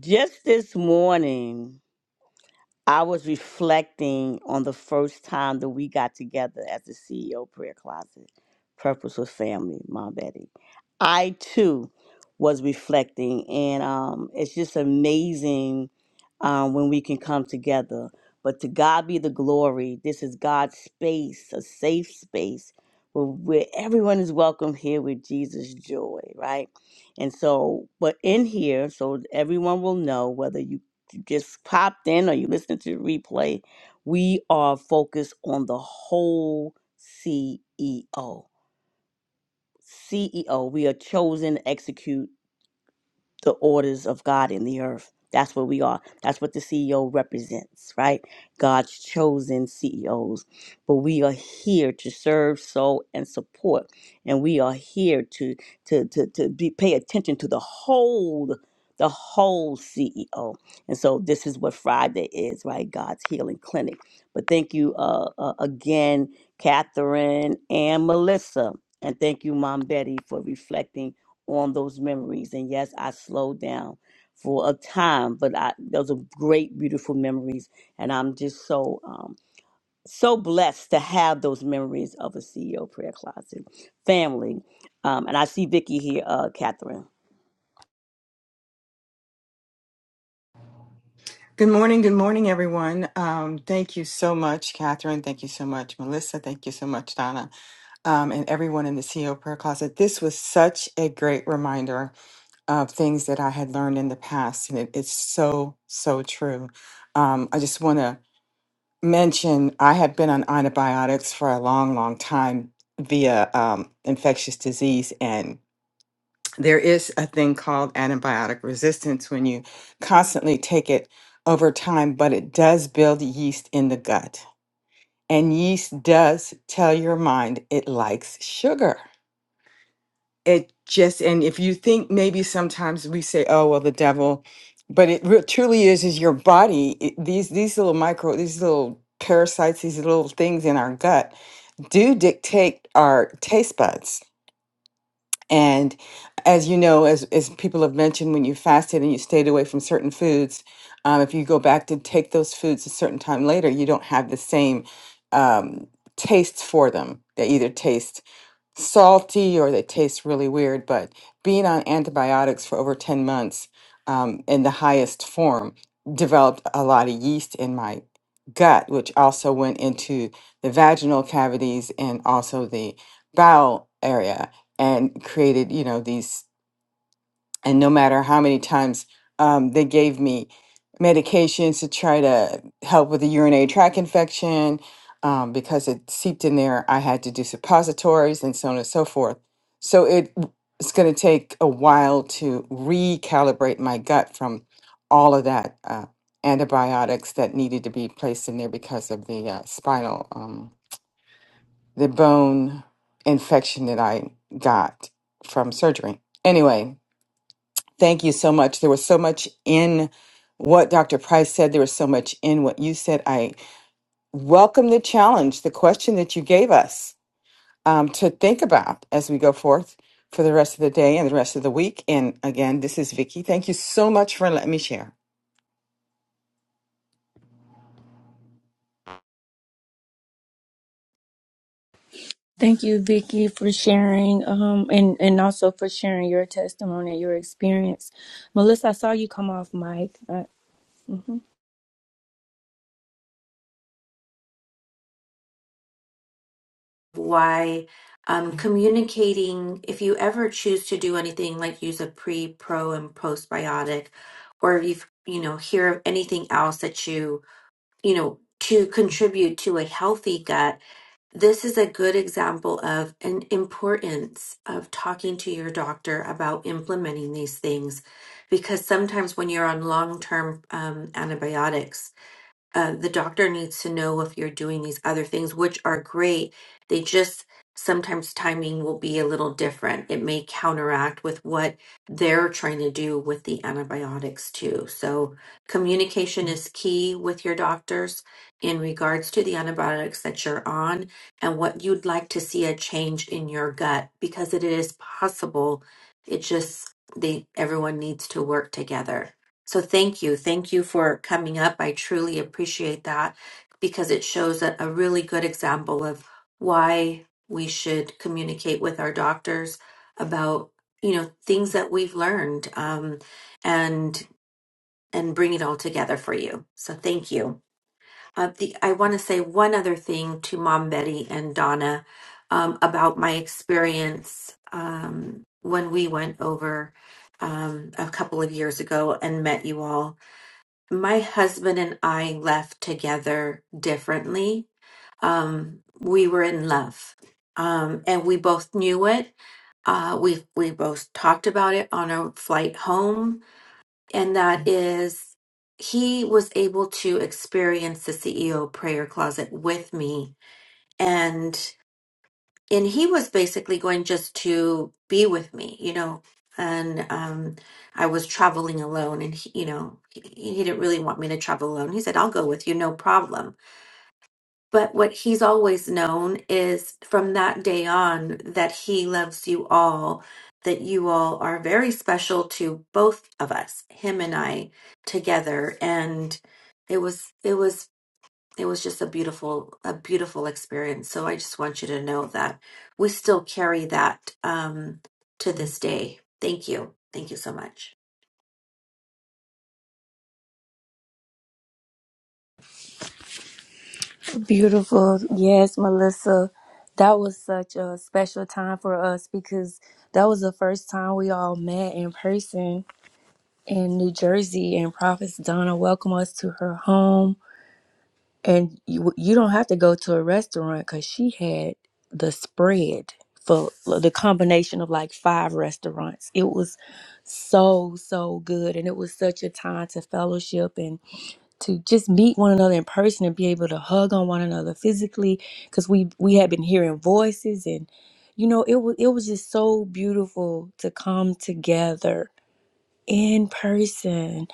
Speaker 4: Just this morning, I was reflecting on the first time that we got together as the CEO Prayer Closet, Purpose with Family, Mom Betty. I too was reflecting, and um, it's just amazing um, when we can come together. But to God be the glory. This is God's space, a safe space where, where everyone is welcome here with Jesus' joy, right? And so, but in here, so everyone will know whether you just popped in or you listening to the replay, we are focused on the whole CEO. CEO, we are chosen to execute the orders of God in the earth. That's what we are. That's what the CEO represents, right? God's chosen CEOs. But we are here to serve, sow, and support. And we are here to to to, to be pay attention to the whole the whole CEO. And so this is what Friday is, right? God's healing clinic. But thank you uh, uh, again, Catherine and Melissa. And thank you, Mom Betty, for reflecting on those memories. And yes, I slowed down for a time, but I, those are great, beautiful memories. And I'm just so, um, so blessed to have those memories of a CEO prayer closet family. Um, and I see Vicky here, uh, Catherine.
Speaker 6: Good morning. Good morning, everyone. Um, thank you so much, Catherine. Thank you so much, Melissa. Thank you so much, Donna, um, and everyone in the CEO Prayer Closet. This was such a great reminder of things that I had learned in the past, and it, it's so, so true. Um, I just want to mention I had been on antibiotics for a long, long time via um, infectious disease, there is a thing called antibiotic resistance when you constantly take it over time, but it does build yeast in the gut. And yeast does tell your mind it likes sugar. It just, and if you think maybe sometimes we say, oh, well, the devil, but it re- truly is, is your body, it- these, these little micro, these little parasites, these little things in our gut do dictate our taste buds. And as you know, as, as people have mentioned, when you fasted and you stayed away from certain foods, um, if you go back to take those foods a certain time later, you don't have the same um, tastes for them. They either taste salty or they taste really weird, but being on antibiotics for over 10 months um, in the highest form developed a lot of yeast in my gut, which also went into the vaginal cavities and also the bowel area and created, you know, these and no matter how many times um, they gave me medications to try to help with the urinary tract infection um, because it seeped in there i had to do suppositories and so on and so forth so it it's going to take a while to recalibrate my gut from all of that uh, antibiotics that needed to be placed in there because of the uh, spinal um, the bone infection that i got from surgery anyway Thank you so much. There was so much in what Dr. Price said. There was so much in what you said. I welcome the challenge, the question that you gave us um, to think about as we go forth for the rest of the day and the rest of the week. And again, this is Vicky. Thank you so much for letting me share.
Speaker 1: Thank you, Vicky, for sharing um, and, and also for sharing your testimony and your experience. Melissa, I saw you come off mic. Uh, mhm.
Speaker 3: why um, communicating, if you ever choose to do anything like use a pre, pro, and postbiotic, or if you've, you know, hear of anything else that you, you know, to contribute to a healthy gut, this is a good example of an importance of talking to your doctor about implementing these things. Because sometimes when you're on long term um, antibiotics, uh, the doctor needs to know if you're doing these other things, which are great. They just sometimes timing will be a little different. It may counteract with what they're trying to do with the antibiotics, too. So, communication is key with your doctors in regards to the antibiotics that you're on and what you'd like to see a change in your gut because it is possible. It just, they, everyone needs to work together. So thank you. Thank you for coming up. I truly appreciate that because it shows a, a really good example of why we should communicate with our doctors about, you know, things that we've learned um, and and bring it all together for you. So thank you. Uh, the, I want to say one other thing to Mom Betty and Donna um, about my experience um, when we went over um, a couple of years ago and met you all my husband and I left together differently. Um, we were in love, um, and we both knew it. Uh, we we both talked about it on our flight home, and that is, he was able to experience the CEO prayer closet with me, and and he was basically going just to be with me, you know. And um, I was traveling alone, and he, you know, he, he didn't really want me to travel alone. He said, "I'll go with you, no problem." But what he's always known is from that day on that he loves you all, that you all are very special to both of us, him and I together, and it was it was it was just a beautiful a beautiful experience so i just want you to know that we still carry that um to this day thank you thank you so much
Speaker 1: Beautiful. Yes, Melissa. That was such a special time for us because that was the first time we all met in person in New Jersey. And Prophet Donna welcomed us to her home and you you don't have to go to a restaurant because she had the spread for the combination of like five restaurants. It was so so good, and it was such a time to fellowship and to just meet one another in person and be able to hug on one another physically because we we had been hearing voices and you know it was it was just so beautiful to come together in person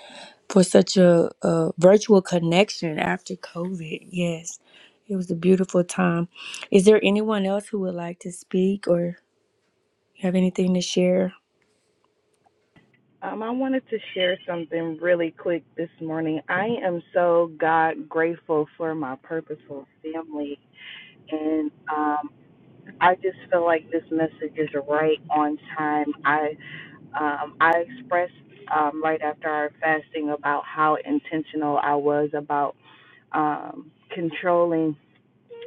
Speaker 1: for such a, a virtual connection after COVID. Yes, it was a beautiful time. Is there anyone else who would like to speak or have anything to share?
Speaker 7: Um, I wanted to share something really quick this morning. I am so God grateful for my purposeful family. And um, I just feel like this message is right on time. I um, I expressed um, right after our fasting about how intentional I was about um, controlling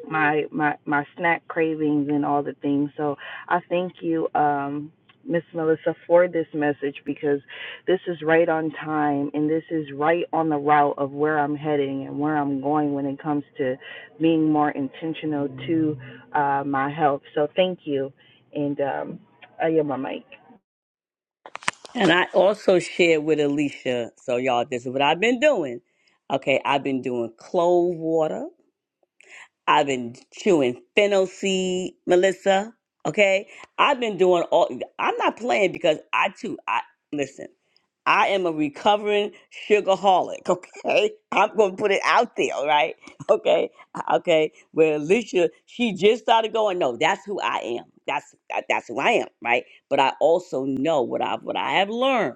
Speaker 7: my my my snack cravings and all the things. So I thank you, um, Miss Melissa, for this message because this is right on time and this is right on the route of where I'm heading and where I'm going when it comes to being more intentional to uh, my health. So thank you, and um, I am my mic.
Speaker 4: And I also shared with Alicia. So y'all, this is what I've been doing. Okay, I've been doing clove water. I've been chewing fennel seed, Melissa. Okay, I've been doing all. I'm not playing because I too. I listen. I am a recovering sugarholic. Okay, I'm gonna put it out there. all right? Okay. Uh, Okay. Well, Alicia, she just started going. No, that's who I am. That's that, that's who I am. Right. But I also know what I what I have learned.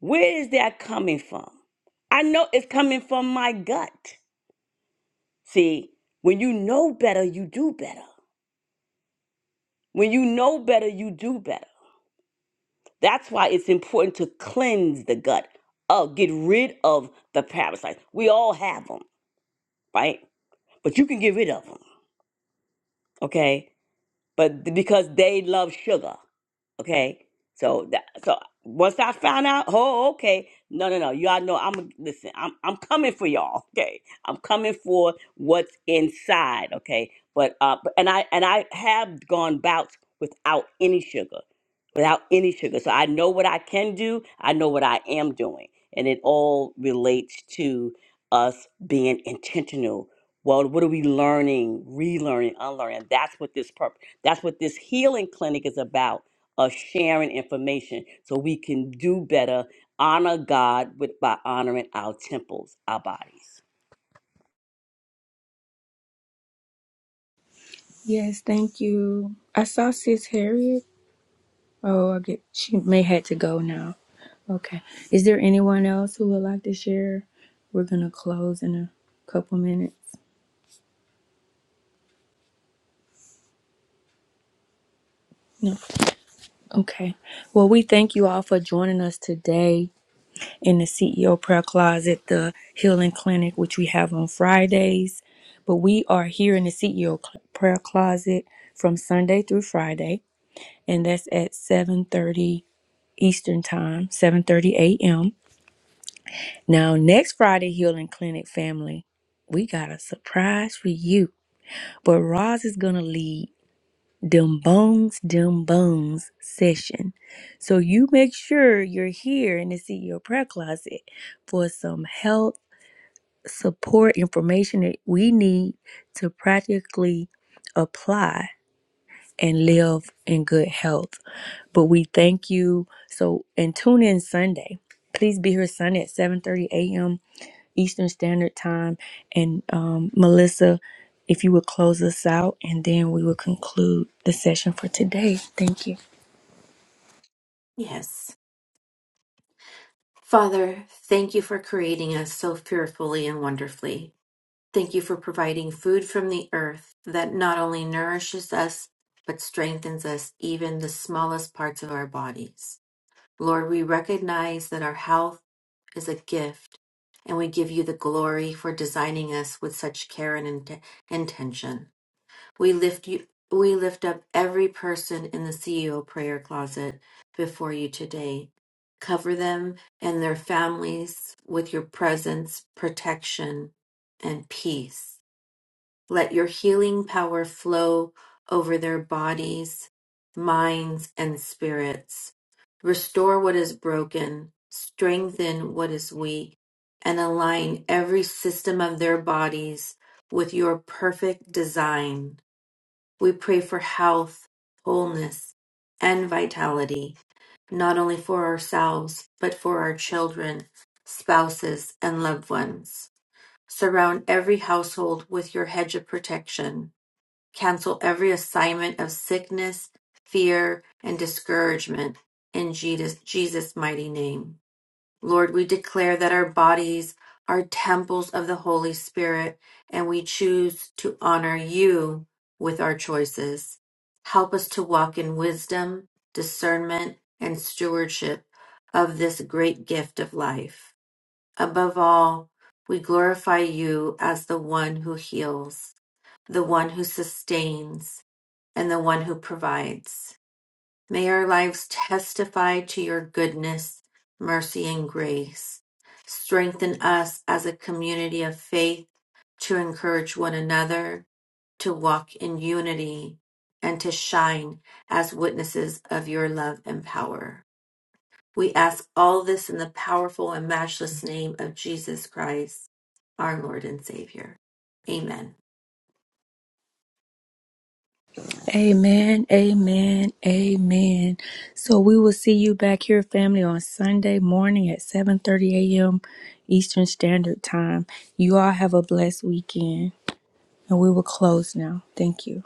Speaker 4: Where is that coming from? I know it's coming from my gut. See, when you know better, you do better. When you know better, you do better. That's why it's important to cleanse the gut. Oh, get rid of the parasites. We all have them, right? But you can get rid of them, okay? But th- because they love sugar. Okay. So that so once I found out, oh okay. No, no, no. Y'all know I'm listen, I'm I'm coming for y'all. Okay. I'm coming for what's inside, okay? But uh but- and I and I have gone bouts without any sugar. Without any sugar. So I know what I can do, I know what I am doing. And it all relates to us being intentional. Well, what are we learning, relearning, unlearning? That's what this purpose that's what this healing clinic is about of sharing information so we can do better, honor God with by honoring our temples, our bodies.
Speaker 1: Yes, thank you. I saw Sis Harriet. Oh, I get she may had to go now. Okay. Is there anyone else who would like to share? We're gonna close in a couple minutes. No. Okay. Well, we thank you all for joining us today. in the CEO prayer closet, the healing clinic, which we have on Fridays. But we are here in the CEO cl- prayer closet from Sunday through Friday, and that's at 7:30 Eastern time, 7:30 a.m. Now, next Friday, healing clinic family, we got a surprise for you. But Roz is gonna lead them bones, them bones session. So you make sure you're here in the CEO prayer closet for some health support information that we need to practically apply and live in good health. But we thank you. So and tune in Sunday. Please be here Sunday at 7:30 a.m. Eastern Standard Time. And um, Melissa, if you would close us out, and then we will conclude the session for today. Thank you.
Speaker 3: yes father thank you for creating us so fearfully and wonderfully thank you for providing food from the earth that not only nourishes us but strengthens us even the smallest parts of our bodies Lord, we recognize that our health is a gift, and we give you the glory for designing us with such care and int- intention. We lift you. We lift up every person in the CEO prayer closet before you today. Cover them and their families with your presence, protection, and peace. Let your healing power flow over their bodies, minds, and spirits. Restore what is broken, strengthen what is weak, and align every system of their bodies with your perfect design. We pray for health, wholeness, and vitality, not only for ourselves, but for our children, spouses, and loved ones. Surround every household with your hedge of protection. Cancel every assignment of sickness, fear, and discouragement in Jesus, Jesus' mighty name. Lord, we declare that our bodies are temples of the Holy Spirit and we choose to honor you with our choices. Help us to walk in wisdom, discernment, and stewardship of this great gift of life. Above all, we glorify you as the one who heals, the one who sustains, and the one who provides. May our lives testify to your goodness, mercy, and grace. Strengthen us as a community of faith to encourage one another, to walk in unity, and to shine as witnesses of your love and power. We ask all this in the powerful and matchless name of Jesus Christ, our Lord and Savior. Amen.
Speaker 1: Amen, amen, amen. So we will see you back here, family, on Sunday morning at 7:30 a.m. Eastern Standard Time. You all have a blessed weekend, and we will close now. Thank you.